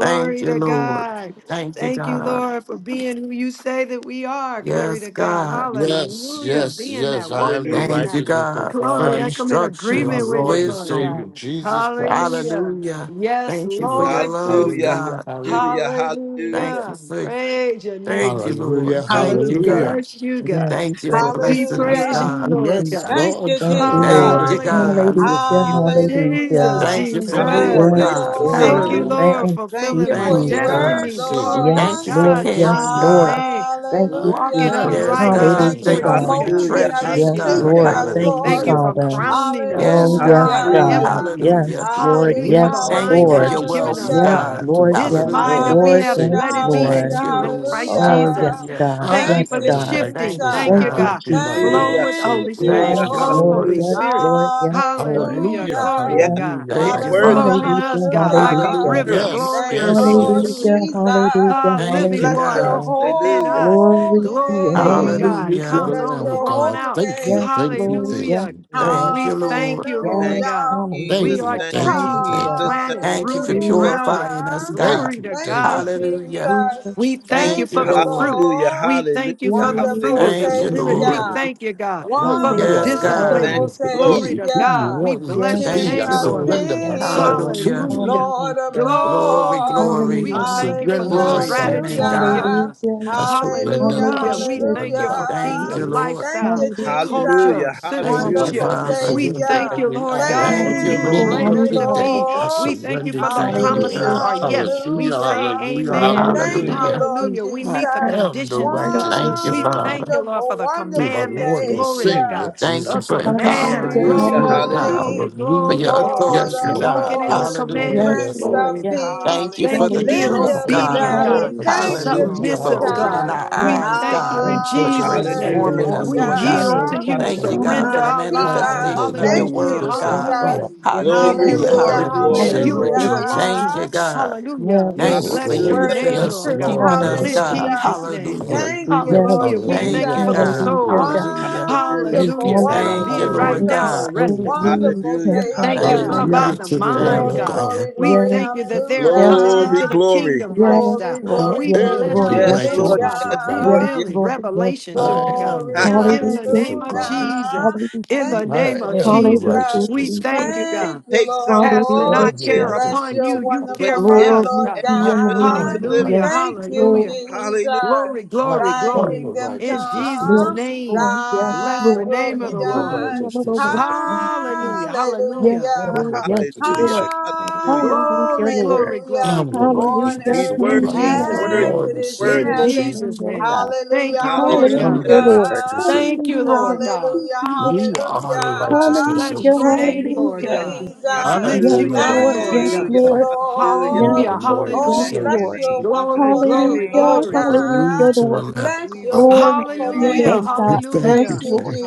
Thank you,
to
Lord.
God.
Thank you,
Thank you,
God.
Lord, for being who you say that we are. Glory
Yes,
to God.
God.
Yes,
Hallelujah.
yes,
Being
yes.
that,
I am
walking
the
in
Hallelujah.
Thank
that.
you,
righteousness of
God, for
Glory.
God.
I come in
You are
agreement
instructions,
with it,
Lord and
Lord
wisdom.
Savior
God.
Jesus Christ.
Hallelujah.
Hallelujah.
Yes,
Thank you for
Hallelujah.
your
Lord
love,
Jesus.
Hallelujah.
God.
Hallelujah. Hallelujah.
Hallelujah. Hallelujah.
Thank you
Hallelujah.
for
Praise your name,
thank you,
Jesus.
Lord.
Hallelujah.
Thank
We
Thank you,
you,
Hallelujah.
Jesus.
God.
Hallelujah.
bless you,
Yes,
God.
Thank you for
Thank
Lord.
you,
We
blessing us,
Jesus.
praise you,
Thank
Hallelujah.
God.
you,
Lord
Yes,
Jesus.
Thank
God.
Lord.
you,
Thank you,
Thank
Hallelujah.
you,
Lord.
Jesus.
Hallelujah.
God.
Hallelujah.
Hallelujah.
Jesus.
Hallelujah.
Hallelujah.
Jesus,
I
Hallelujah.
Thank you for
am the
Thank
more,
Jesus.
you,
Hallelujah.
Yes,
God.
righteousness of
Lord.
Thank
Hallelujah.
you,
Lord.
God
Hallelujah.
Lord,
Thank
for
Thank
you,
fulfilling
you
through
my
for
my
Thank
your
you,
Lord
God.
Jesus.
and
word,
destiny.
Savior
Glory to
Yes,
Thank
Lord.
you
Jesus
for
Lord.
God in
Christ.
Yes,
caring,
Jesus'
Lord.
God.
name.
Thank you,
I
Walking
Hallelujah.
am
Jesus.
the
Yes,
uprightly
Hallelujah,
God.
Thank
righteousness
you
before
of
Thank you
for
for
you,
God.
God
your
God. We
Hallelujah,
molding us
treasures,
thank
and
Yes,
you,
through
God.
Lord
hallelujah,
our
shaping
Lord.
God.
us,
Lord
Thank
and
you,
Thank
Lord.
Hallelujah.
you
hallelujah,
for
Savior
Father.
Jesus
crowning us who
Oh,
Yes,
Christ.
we are
yes,
in
God.
the
God.
hallelujah,
Hallelujah.
heavenlies.
Yes,
Hallelujah.
Lord.
Hallelujah.
Hallelujah.
For
We
the
Yes,
are the
Thank you
mind
Hallelujah.
for
that
Lord.
your
you've given
righteousness
wealth,
us,
of
Yes,
God.
Hallelujah.
God.
God through
Lord.
our
This
Yes,
mind
Hallelujah.
that
Lord
we
and
Lord.
have,
Hallelujah,
let
Yes,
Savior
it be in
hallelujah,
Jesus
Thank
Lord.
you,
you in
Lord.
Christ.
Christ
Oh, yes,
Jesus.
hallelujah.
Hallelujah.
God.
Thank
I
you
Thank
Yes,
for
am
the
you,
the
God.
shifting.
Thank you,
righteousness
Thank
Jesus.
of
Thank
you,
you,
God.
God
God.
through my
Jesus.
Flow
Lord
hallelujah,
and
with the
Savior
Thank
Holy
you,
Spirit.
Yes,
hallelujah,
Thank you,
Lord.
Jesus
Flow,
Lord.
Lord.
Holy
Yes,
hallelujah.
Christ.
Spirit.
Lord. Yes, Lord.
Hallelujah.
Hallelujah,
Glory to
Hallelujah,
Yeah,
Yes,
God.
hallelujah,
he's
Thank
Lord.
you,
hallelujah.
hallelujah,
worthy,
Flow
Father.
in
Hallelujah.
us, God, like a
he's
hallelujah.
Hallelujah.
river.
worthy,
Hallelujah.
he's
Yes,
Thank
Glory.
worthy,
you,
yes,
he's
Lord
yes.
Hallelujah.
Hallelujah.
worthy.
Hallelujah.
Jesus.
Ah,
Thank you,
living
Bless your
God.
waters
Hallelujah.
within
Hallelujah.
us.
Glory
holy
to your
Glory to
name.
name.
God.
Hallelujah to
Hallelujah.
Yes,
the
Comes
Bless
on
Lamb
your
Lord.
of
flowing
God.
holy
out.
Thank you,
Yes,
name.
thank you,
Lord.
thank
Yes,
Hallelujah.
you.
Lord.
Thank
We
you,
thank
Lord.
you, Lord
Thank
Yes,
God.
Hallelujah.
you, Jesus,
We
Thank
are
you,
hallelujah,
thank
thank you,
you,
trees
thank
hallelujah.
Jesus,
you,
thank
planted,
Thank you for
you,
rooted,
Jesus.
Hallelujah.
Jesus,
grounded.
purifying us,
Jesus,
God.
thank
Glory
you,
to
Thank
thank you.
God.
you,
thank you.
Hallelujah.
Jesus,
Jesus.
We thank you
Thank
Thank
you,
Jesus,
for
you,
the
Lord.
fruit.
Hallelujah,
Lord.
We thank you
hallelujah,
for
I'm
the
just
Jesus,
fruit
hallelujah.
Wonderful
of the
Thank
working
you,
on
Spirit. We
Lord.
fear.
Savior.
Jesus.
thank you,
I'm
God,
not
for the
you are
Hallelujah,
Yes, God.
allowing
Thank
Jesus.
me
Wonderful
disciplines.
to
you, Lord.
Glory
be
to
who you
Savior,
God. We
want me to
Yes,
bless your
be.
King
Thank
I
name
you,
of
for a
Lord,
Lord.
surrender
minute.
yes,
Kings,
myself
Lord.
to
Hallelujah.
you.
Hallelujah.
Lord of
Hallelujah,
Glory,
Glory,
Lords.
glory.
glory.
We
I
hallelujah, my
thank you for
Hallelujah,
the
surrender
Sunday
Glory to
God.
your
myself to
name,
strategies you've
you.
God.
given
Lord.
hallelujah,
us.
Hallelujah,
I
hallelujah,
surrender, I
Hallelujah. We
hallelujah,
thank
surrender,
you
I
for
Jesus.
Thank you,
hallelujah.
kingdom
surrender.
Lord.
Thank
lifestyle,
you,
Hallelujah, Jesus. Hallelujah, Jesus.
Jesus,
culture,
Hallelujah,
If
Hallelujah,
Thank
I
you,
hallelujah,
wonderful
citizenship.
have to
Father.
We
surrender
thank
Savior.
you,
every
Lord
hour,
God, who
Thank
every
you,
you have
minute
Thank
Lord.
blamed
of
you,
us
the
to
hallelujah,
day,
be.
hallelujah,
I
We
Lord.
thank you
surrender
for
Jesus.
the
to
Thank
you,
you,
Hallelujah,
promises.
Lord.
Hallelujah,
God.
Our
Jesus.
yes, we
Hallelujah,
say
hallelujah.
hallelujah,
amen.
Yes,
Thank
hallelujah.
hallelujah,
Lord
you,
Hallelujah.
Lord
Hallelujah. We
Jesus.
I
meet the
Jesus.
am the
conditions,
Hallelujah,
Thank
God.
Thank
righteousness
you,
you,
We
of
Jesus.
God.
Jesus.
thank
Father.
you, Lord, for
Wonderful,
the
through my
wonderful
commandments.
Thank
Lord
you,
and
Glory to
Jesus.
Savior,
God.
Savior.
Thank you
The
Jesus
for
Christ.
commands.
Hallelujah,
empowering
Thank you,
us,
hallelujah,
King
Lord
Lord
of
God.
hallelujah.
God.
Glory,
hallelujah.
kings,
for your
glory,
Hallelujah.
Yes,
glory.
Lord.
Lord
Yes,
authority,
of
Yes,
Lord.
Hallelujah,
God.
Lord.
Walking in the
lords,
Yes,
hallelujah.
Lord.
Yes,
Hallelujah.
commandments.
Prince
Yes,
Lord.
Glory to
of
Lord.
Yes,
God.
Lord.
peace,
Thank you
Thank
for
Thank you.
the
Hallelujah,
Being
you,
Oh,
Hallelujah.
Lord,
Lily
truth,
of
Father,
thank
the
you
God.
hallelujah.
obedient,
know
you, Lord.
God.
valley.
I'm in
Hallelujah,
Thank
trouble
You
you,
with
are
Jesus.
Hallelujah.
my
For
Submissive,
opening
worthy,
Jesus.
identity.
God.
our
worthy,
Yes,
We
eyes,
worthy,
Lord.
thank
oh
And
you
God.
I'm
Yes,
in
God,
For
you're
taking on
Jesus'
the
worthy.
name.
Hallelujah,
transforming
identity
Lord.
us,
We
Lord
that
Be
you
your
God.
You
name,
yield
said
are
to
Hallelujah.
Hallelujah.
God.
I
you.
Thank
Hallelujah.
you,
worthy,
am.
God,
Hallelujah.
God,
for
Surrender
the
My
you're
our
I
worthy.
am
lives.
the
keeper.
manifestation of
Yes,
your
Thank you,
Lord.
Hallelujah.
word,
righteousness of
Yes,
God.
God
Lord.
Hallelujah.
Jesus.
Yes,
Hallelujah.
To
Glory,
Lord.
through
you,
Hallelujah.
our
Hallelujah,
glory,
Lord.
Lord and
Hallelujah.
And
glory,
you
Hallelujah,
Savior,
and you
glory.
Jesus
Jesus.
alone.
Thank you,
hallelujah.
Christ.
God.
Hallelujah.
Yes,
We
Thank you
Yes,
Lord.
for
bless
Yes,
Lord.
your
Hallelujah.
Word
using
name,
of
Lord.
us
Yes,
Lord
and
truth.
Lord.
God.
keeping us,
Hallelujah,
In
Yes,
God.
Lord.
Hallelujah.
Jesus.
Jesus' name.
Hallelujah.
Thank you,
Hallelujah.
Yes,
Lord
Hallelujah. We
Lord.
Thank
thank
Hallelujah.
you
you,
for
Jesus.
the
God.
Hallelujah,
Hallelujah.
souls.
Hallelujah.
Hallelujah.
Thank you
Wonderful,
Hallelujah.
Hallelujah,
That are
for
Thank you,
being
allowing
right
Lord
me to
now
God.
wonderful,
serve
arrested.
you.
wonderful
Hallelujah.
Savior.
Thank you,
Thank
Father,
you,
by
Hallelujah.
Hallelujah
Ha.
hallelujah.
the
thank
to
you,
the Lamb
Hallelujah.
mind,
thank
of
Glory,
you.
God.
God.
glory,
We
glory,
thank you that they are
Yes,
coming
Glory,
into
Lord.
the
hallelujah.
glory.
Yes,
kingdom
Lord. Yes,
Glory,
lifestyle.
Lord.
I
glory,
We
Yes,
glory,
am
bless
the
Lord.
your
Yes,
Yes,
name,
Lord.
Lord.
righteousness
Lord, for
Yes,
of
Yes,
God.
Lord.
hallelujah.
Yes.
revealing
Lord. Yes,
revelation to
I
Lord.
them, God.
am the
Glory,
Ha,
In the
Hallelujah,
righteousness
name
of
of
God.
Jesus.
Jesus.
hallelujah.
In
Hallelujah.
the
Thank
I
you,
name of
am the
Jesus.
Hallelujah,
Jesus.
We
righteousness of
thank
Jesus.
God.
you,
It
God.
Thank you,
takes something
Hallelujah,
to
I
Casting
Lord.
our
live
am the
care
this,
Bless
Jesus.
upon
righteousness
your
you,
of
you
God.
but
care
it
wonderful
for
name,
gives us
us,
Glory
Lord
God.
to
I
every
your
ability
am
to
God.
name.
the
live it.
Hallelujah,
Yes,
Thank
righteousness of
you,
God.
Lord.
hallelujah.
Hallelujah.
Glory,
Jesus.
glory,
I
Thy
am
glory.
the
kingdom
In
righteousness of
Jesus'
God.
come,
Yes,
name,
Lord. Yes,
bless
thy
the
Lord.
will
I
name of
be
the
am the
Lord.
Hallelujah,
done.
righteousness of God.
Lord.
Hallelujah,
Yes,
hallelujah.
I am
Lord.
the
Hallelujah.
Yes,
righteousness
Lord.
of
Hallelujah.
God.
Hallelujah.
Hallelujah,
Glory,
Lord.
glory,
I
glory,
Hallelujah.
am the
glory.
Hallelujah.
On
righteousness
He's
earth
of
In
God.
worthy.
In
He's
our
Jesus'
Hallelujah.
as
worthy.
name,
Lord
it
and
is in
in
Savior
Worthy.
heaven.
Jesus,
Jesus' name.
Hallelujah,
Thank you,
I
Lord
am
God.
the
Hallelujah,
Hallelujah.
Lord.
righteousness
hallelujah.
of
Thank you,
God.
Lord God.
Hallelujah,
We are the
Hallelujah.
hallelujah.
righteousness
Hallelujah.
of
Bless your
God.
And
Thank
name,
we
you,
Lord
Hallelujah.
bless
God.
your
I
name.
Jesus.
We
Lift
Yes,
am
you
the
Hallelujah.
bless
up,
Lord.
your
Yes,
Lord
name,
righteousness of
Thank
God.
Hallelujah.
you,
God.
Lord.
Jesus.
Hallelujah.
Through my
Yes,
Lord.
Hallelujah,
Lord.
We
Lord and
Yes,
Oh,
bless
hallelujah.
your
Savior,
bless
Lord.
name.
your
Jesus.
We
Glory,
bless
wonderful
your
name,
glory,
Lord
Hallelujah.
name.
glory.
Hallelujah
Hallelujah,
God.
to the
Lord.
Lamb of
Bless
We
God.
your
bless
Glory
your
wonderful
to your
name.
Hallelujah,
Thank
name,
name.
you,
God.
thank
Thank
hallelujah.
you,
Yes,
you,
Lord.
thank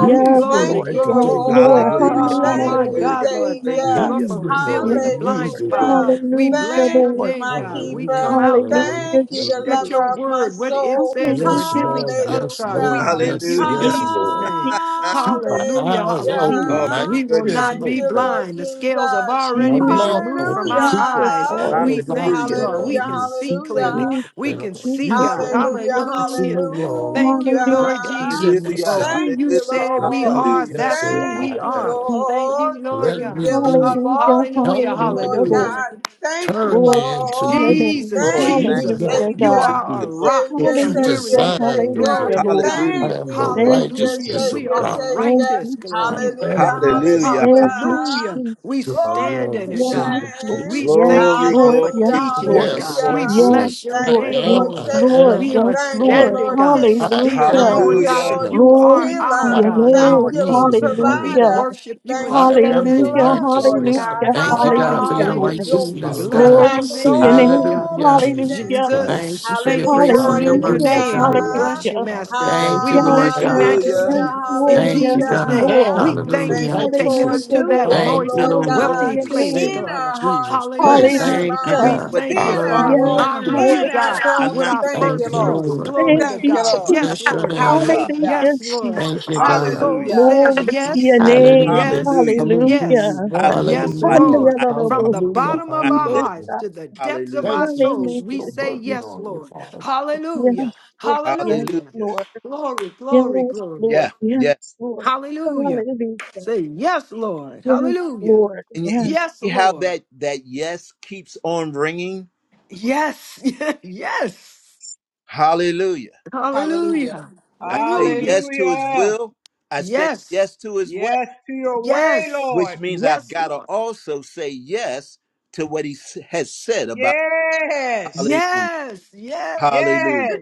you. Use me,
glory,
Thank
Lord.
Lord,
you,
to
Yes,
take
glory.
the good
Hallelujah.
Lord.
Lord.
words
Hallelujah,
of
Oh
my
your
Hallelujah.
Thank
my
you,
word.
Hallelujah.
God, Lord, thank you,
God.
Savior.
Lord,
Hallelujah.
Use
for
me,
Glory,
Yes,
glory,
revealing
Lord.
the
glory.
blind
Use
Lord.
me,
spot.
Hallelujah.
Lord.
We
Hallelujah,
bless
Thank
Thank
your
Lord.
you,
name,
my
God. We
keeper.
come
Hallelujah,
out,
Hallelujah,
God.
hallelujah,
Thank you,
Look
the
at
Jesus.
your
lover
hallelujah.
of my
word, what it
soul.
says, and
Yes,
Hallelujah,
revealing
Lord,
to us,
Jesus.
yes,
God. We
Lord,
Hallelujah.
thank
yes,
you in
Hallelujah.
yes,
Jesus,
Jesus'
Lord.
name.
Hallelujah.
Keep my
Hallelujah,
eyes
hallelujah.
Ah, oh
open,
my
my
Jesus,
We will
goodness.
ears
not
Thank
be
you,
open.
Lord
blind. The scales have
Jesus.
My
already
Jesus,
been
mouth
removed from
open.
our
Keep the
Jesus,
eyes.
Hallelujah.
Jesus,
door
We thank
locked
you,
Hallelujah.
in
Lord.
on
We
Hallelujah.
can
you.
see
Keep me
clearly.
Hallelujah.
locked
We
Jesus,
in
can
Jesus,
on
see,
you,
Jesus,
God.
Lord.
Jesus.
Hallelujah,
It's in the
Hallelujah.
world,
Thank you,
Hallelujah,
not
Lord
Jesus,
it's
hallelujah.
Jesus,
in
for
Hallelujah.
myself,
who
Thank
you
you,
Hallelujah.
said
but
we
Lord.
what
are.
you
Hallelujah.
That's
say
who
Thank
we
I
Jesus,
you,
are.
am.
Jesus.
Thank you,
Lord, the
Lord
Let me
God.
revealer
be.
of
Hallelujah,
all
Help
Hallelujah,
truth,
me to
Lord
hallelujah,
hallelujah.
be.
Lord.
God. Thank
Turn
you,
Glory
me into
to your
Lord.
be
name.
Jesus,
what
Lord,
Thank
thank
you
you,
Jesus,
Hallelujah,
you,
want
Lord.
me
you
to
God.
Savior.
Thank
are a
you,
be,
Lord.
rock in
what
Savior,
a
you
Hallelujah,
weary
Savior,
land.
designed me
Savior.
for.
hallelujah,
Glory to
Lord.
God.
I
Thank
Hallelujah.
am
you,
the
Thank you,
Savior,
Hallelujah.
righteousness
We
of
Savior,
are
Jesus.
the
God.
Thank
Savior.
righteous.
you,
I
Jesus.
Glory to
am
Hallelujah,
the
God.
Hallelujah.
righteousness
Ha-
Thank
of
you,
God
hallelujah.
Hallelujah. We
Jesus.
to our
Glory
stand
Lord
to
in
and
it,
your
Yes,
Savior
God.
Lord.
name.
We
Jesus
Yes,
Christ.
thank you,
Glory,
Lord,
Lord.
for
Hallelujah,
Yes,
glory,
teaching
Lord.
it,
glory,
Yes,
God.
glory.
We
hallelujah.
yes,
Yes,
bless
yes.
your
I
Thank
Lord.
you,
name,
Yes,
am,
Lord
Lord.
I
Lord.
Savior.
am,
We
I
are
Yes,
Thank you,
am.
Lord.
standing,
Lord
God,
King.
I
still
am
Hallelujah.
Thank
knowing,
your
you,
God,
Hallelujah.
that
Lord
son.
you are
Glory to
our
Healer.
your
I
God,
am
Thank
name.
our
you,
King.
Lord
Jesus' brother.
We
Hallelujah.
Provider.
worship you in
Thank
I
you,
spirit
Lord
am the
and in
Hallelujah.
truth,
Shalom, Lord
Lord
righteousness
God.
God.
Hallelujah.
of
Thank you,
God
God, for
Hallelujah,
your
Hallelujah.
Lord.
Hallelujah.
Your
through my
righteousness,
peace that
Bless
Lord
God.
Glory
and
your
passes
to
name,
your
Savior,
Lord
name.
God.
all
Hallelujah.
Jesus
Hallelujah.
understanding.
Jesus,
Thank you
Christ.
for your
thank you
Hallelujah,
grace
for
and
it
your
in your
mercy,
Hallelujah.
Hallelujah
hallelujah.
for
name.
the
God.
And
Lamb of
bless you,
Hallelujah.
God.
Master.
Thank
Thank
you,
We
you,
Yes,
Lord
bless you,
thank you,
Lord.
God.
thank
Hallelujah.
Yes,
Hallelujah,
Majesty.
you.
Lord.
In
Thank you,
Yes,
I
Jesus'
God.
name,
Lord.
hallelujah.
we
am the
thank you
Thank
Hallelujah.
for
you
taking
for
us
a
righteousness of
Hallelujah,
to
new
that
Lord.
day,
God
Thank
moist,
through
you,
I'm
Lord
my
not
Glory
Lord.
what
to
God,
wealthy
Lord
they
your
and
place,
name.
said.
in
Savior,
God.
our hearts,
Jesus
in
Christ.
our
Hallelujah.
Thank
I'm
you,
We
minds,
not
Hallelujah.
God.
what they
thank you
in
for
thought.
our
our
I
Yes,
Hallelujah.
walk,
honoring
am.
Lord.
you,
in our
God,
Thank
I'm
talk.
with
not
you,
our
Jesus.
what they
Thank
Thank
you,
perceived.
first
you,
Lord.
fruits.
Lord.
Glory
thank
to
Thank
you,
you,
God.
Lord.
Jesus.
I'm
Yes,
Bless your
Lord
the son of
God.
name.
God.
Hallelujah.
Hallelujah,
Yes, Lord.
Thank you,
Jesus.
Our
God.
soul
Hallelujah.
Hallelujah.
says
Glory to your
yes,
name.
Hallelujah.
yes,
Hallelujah.
Come and who you
yes,
Hallelujah.
I
want me
walk
yes,
to
Hallelujah.
like
be.
Lord.
it.
From
Hallelujah.
the
Hallelujah,
bottom of
I
our
live.
hallelujah.
hearts to the depths of
Hallelujah.
our
Thank you for
souls,
Hallelujah,
we
still
say,
working
Jesus.
Yes,
on me,
Lord.
Father.
Yes,
Hallelujah.
Lord. Yes,
Hallelujah.
Hallelujah.
Lord.
Glory, glory,
Yes,
glory.
Lord.
Yeah. Yeah.
Yes, Lord.
Hallelujah.
Hallelujah.
Say, Yes, Lord.
Yes,
Hallelujah.
Lord.
And you, you
Yes,
Yes,
see how
Lord.
that that yes keeps on ringing.
Yes. yes.
Hallelujah.
Hallelujah.
Hallelujah.
I say
Hallelujah.
yes to His
Hallelujah.
will. I say
Yes.
yes to His way,
Yes, to your way,
Yes.
which
Lord.
means I've
Yes,
got to
Lord.
also say yes to what He s- has said about
Yes.
Hallelujah.
Yes. Yes.
Yes.
Hallelujah.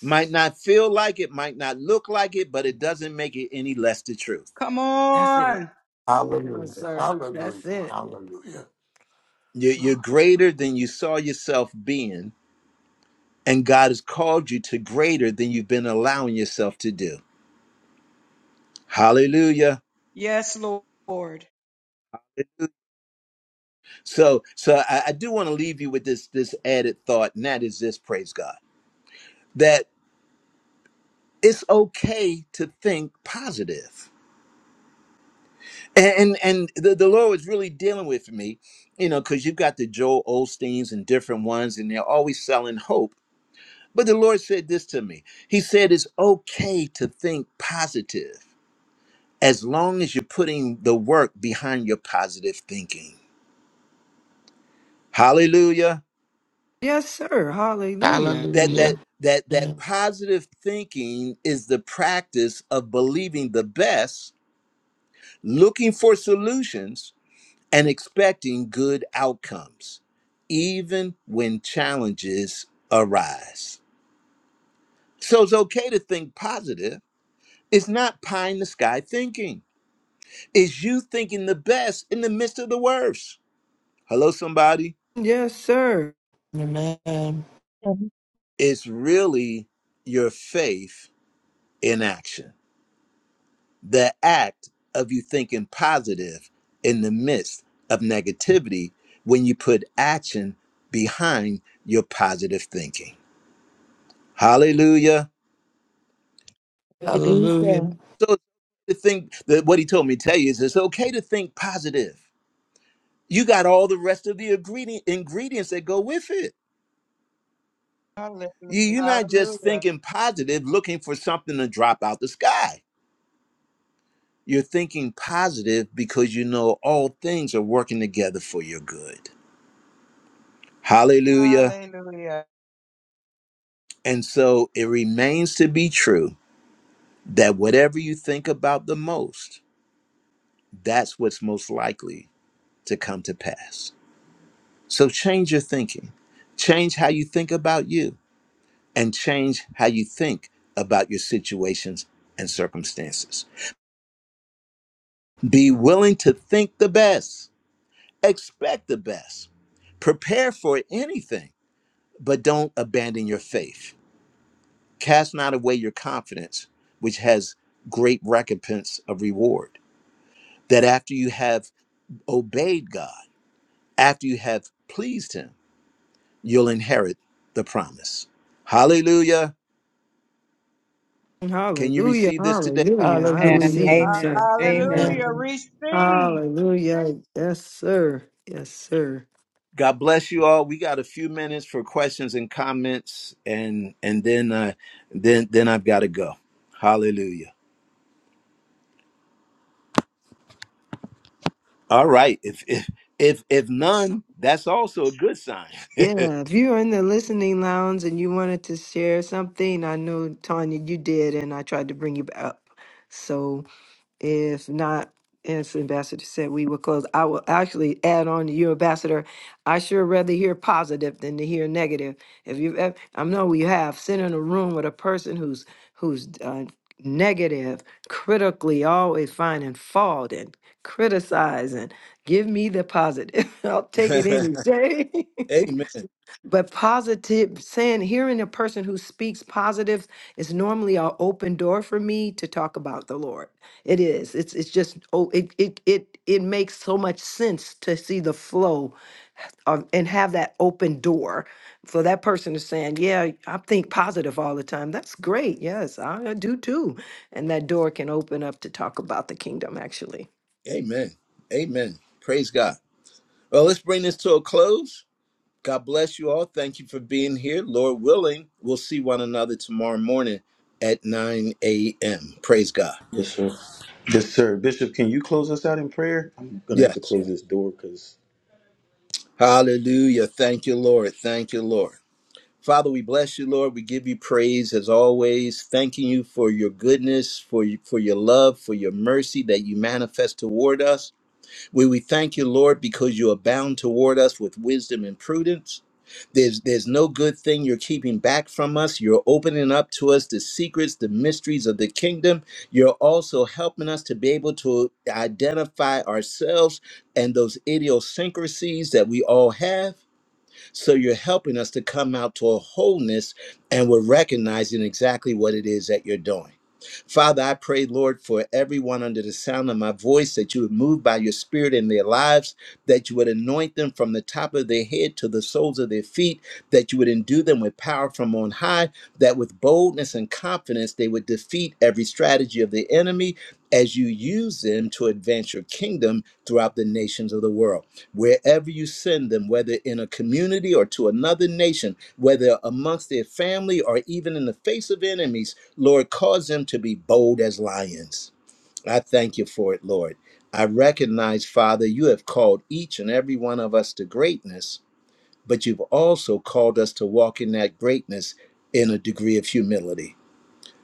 Might not feel like it, might not look like it, but it doesn't make it any less the truth.
Come
That's it.
on.
Yes,
Hallelujah,
sir.
hallelujah,
That's it.
hallelujah.
You're,
Glory.
you're greater than you saw yourself being and God has called you to greater than you've been allowing yourself to do. Hallelujah.
Yes, Lord.
So, so I, I do want to leave you with this this added thought, and that is this: praise God that it's okay to think positive. And and, the, the Lord was really dealing with me, you know, because you've got the Joel Osteens and different ones, and they're always selling hope. But the Lord said this to me. He said it's okay to think positive. as long as you're putting the work behind your positive thinking hallelujah
Yes, sir. Hallelujah.
that
Hallelujah.
that that that positive thinking is the practice of believing the best looking for solutions and expecting good outcomes even when challenges arise so it's okay to think positive it's not pie in the sky thinking it's you thinking the best in the midst of the worst hello somebody
Yes, sir.
Amen.
and
It's really your faith in action, the act of you thinking positive in the midst of negativity when you put action behind your positive thinking. Hallelujah.
Hallelujah.
hallelujah.
So to think that what he told me to tell you is it's okay to think positive. You got all the rest of the ingredient ingredients that go with it.
Hallelujah.
You, you're not just
Hallelujah.
thinking positive, looking for something to drop out the sky You're thinking positive because you know all things are working together for your good. Hallelujah.
Hallelujah.
And so it remains to be true that whatever you think about the most, that's what's most likely to come to pass. So change your thinking, change how you think about you, and change how you think about your situations and circumstances. Be willing to think the best, expect the best, prepare for anything but don't abandon your faith. Cast not away your confidence, which has great recompense of reward. That after you have obeyed God, after you have pleased Him, you'll inherit the promise. Hallelujah. Can you
Hallelujah.
receive this today?
Hallelujah. I
Amen.
Hallelujah.
receive it,
Amen.
sir. Amen.
Hallelujah.
Amen.
Amen.
Receive.
Hallelujah. Yes, sir. Yes, sir.
God bless you all. We got a few minutes for questions and comments, and and then uh, then then I've got to go. Hallelujah. All right. If if if if
So-
none, that's also a good sign.
Yeah, if you're in the listening lounge and you wanted to share something, I know Tanya, you did, and I tried to bring you up. So. If not, as Ambassador said, we will close. I will actually add on to you, Ambassador. I sure rather hear positive than to hear negative. If you, have I know you have sit in a room with a person who's who's uh, negative, critically always finding fault and criticizing. Give me the positive. I'll take it any day.
Amen.
But positive, saying, hearing a person who speaks positive is normally an open door for me to talk about the Lord. It is. It's it's just oh, it it it it makes so much sense to see the flow of, and have that open door for that person to saying, yeah, I think positive all the time. That's great. Yes, I I do too. And that door can open up to talk about the kingdom actually.
Amen. Amen. Praise God. Well, let's bring this to a close. God bless you all. Thank you for being here. Lord willing, we'll see one another tomorrow morning at 9 a.m. Praise God.
Yes, sir. Yes, sir. Bishop, can you close us out in prayer? I'm gonna have to
Yes.
close this door because.
Hallelujah. Thank you, Lord. Thank you, Lord. Father, we bless you, Lord. We give you praise as always, thanking you for your goodness, for you, for your love, for your mercy that you manifest toward us. We we thank you, Lord, because you abound toward us with wisdom and prudence. There's there's no good thing you're keeping back from us. You're opening up to us the secrets, the mysteries of the kingdom. You're also helping us to be able to identify ourselves and those idiosyncrasies that we all have so you're helping us to come out to a wholeness and we're recognizing exactly what it is that you're doing. Father, I pray, Lord, for everyone under the sound of my voice that you would move by your spirit in their lives, that you would anoint them from the top of their head to the soles of their feet, that you would endue them with power from on high, that with boldness and confidence they would defeat every strategy of the enemy as you use them to advance your kingdom throughout the nations of the world wherever you send them, whether in a community or to another nation, whether amongst their family or even in the face of enemies, Lord, cause them to be bold as lions. I thank you for it, Lord. I recognize, Father, you have called each and every one of us to greatness, but you've also called us to walk in that greatness in a degree of humility.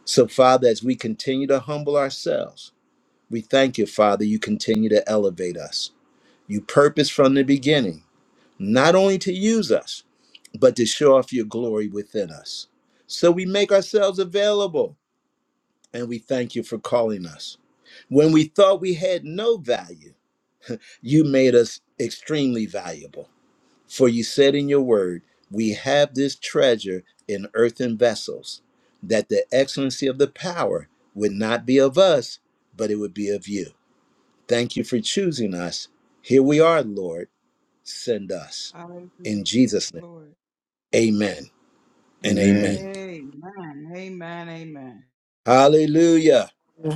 So, Father, as we continue to humble ourselves, we thank you, Father, you continue to elevate us. You purpose from the beginning not only to use us, but to show off your glory within us. So we make ourselves available and we thank you for calling us. When we thought we had no value, you made us extremely valuable. For you said in your word, We have this treasure in earthen vessels, that the excellency of the power would not be of us, but it would be of you. Thank you for choosing us. Here we are, Lord. Send us. In
Hallelujah.
Jesus' name,
Lord.
amen. and amen.
Amen.
Amen. Amen. Amen.
Hallelujah.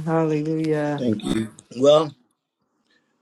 Hallelujah.
Thank you.
Well,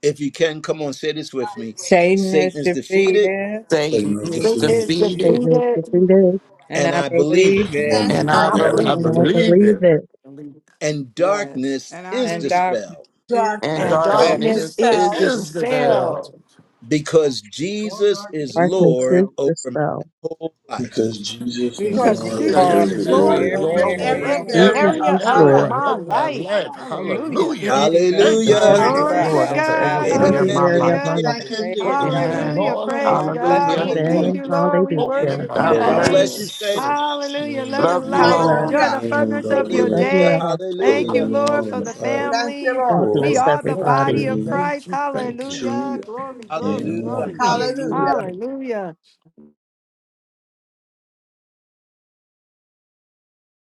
if you can, come on, say this with me
Satan is
Satan is defeated,
defeated,
Satan
Satan
is
is
Satan
defeated.
is
Amen.
Thank
defeated.
you, the
defeated.
thing is,
and
and
I
I believe it.
believe it.
And
and
Hallelujah.
And
I
I
I
And
believe
I
believe
and
it.
believed
I
it.
believe
believe
it.
that
it.
And darkness
Yes.
And I
is
And
believe it.
darkness
dispelled
is
And
And
And
Darkness
dispelled.
is
darkness
darkness
darkness
is
is
dispelled
is
dispelled
dispelled
dispelled
because
All
Jesus
darkness
is
is
darkness
Lord
is
dispelled
over
dispelled
my whole life.
Because Jesus is
because
Jesus
because
is
Lord
Jesus
because
over
Jesus
is
Lord
because
is
every
Jesus
over
because
is
Lord
Lord
area of my
over
Lord
every
Jesus
over
is
Jesus,
life.
over
area
every
of
every
my
Lord
area
life.
Jesus
every
area
of
over
is
my
of
every
area
life.
Lord.
my
of
area
my
of
life.
my
life.
life.
Thank you,
Hallelujah.
Hallelujah.
Jesus.
Thank
Jesus
because
you,
is
Hallelujah.
Glory
Jesus
to
Hallelujah.
is
Glory
Lord.
to
Lord
Hallelujah.
Jesus.
Look
God.
over
at
every
God.
And
area of
Every
Amen.
Hallelujah.
my
area of
life.
Hallelujah.
my
Amen.
Thank
life.
you,
Amen.
Praise
Jesus.
Praise the
God
Amen.
for
Hallelujah.
Lord,
whom
Praise
all
praise the
God.
Hallelujah.
blessings
We
Lord.
thank
Hallelujah.
flow.
Thank
Amen.
you,
you for
Lord. We
opening
Hallelujah.
worship
I
my
you,
God
Amen.
love
God
eyes
you
and
King.
bless
all.
you, saints.
bless.
spirit.
Hallelujah.
Yeah,
Love
Thank
Love
and
you
you.
God
light.
tomorrow
bless.
all.
Enjoy
nine,
the
Hallelujah.
a.m.
fullness
God
of your
willing.
Love you
Hallelujah.
day.
all.
Thank
Closing
you,
Hallelujah.
it
Lord,
now
for
in
Hallelujah.
the
five,
Thank you,
family.
God
Lord.
We
bless
four,
are the
Thank
body
you.
of
everybody.
three,
Thank
Christ.
you. Thank you.
Hallelujah.
two,
Glory,
and
glory,
Hallelujah.
glory.
one.
Hallelujah.
Hallelujah.
Mm.
Hallelujah.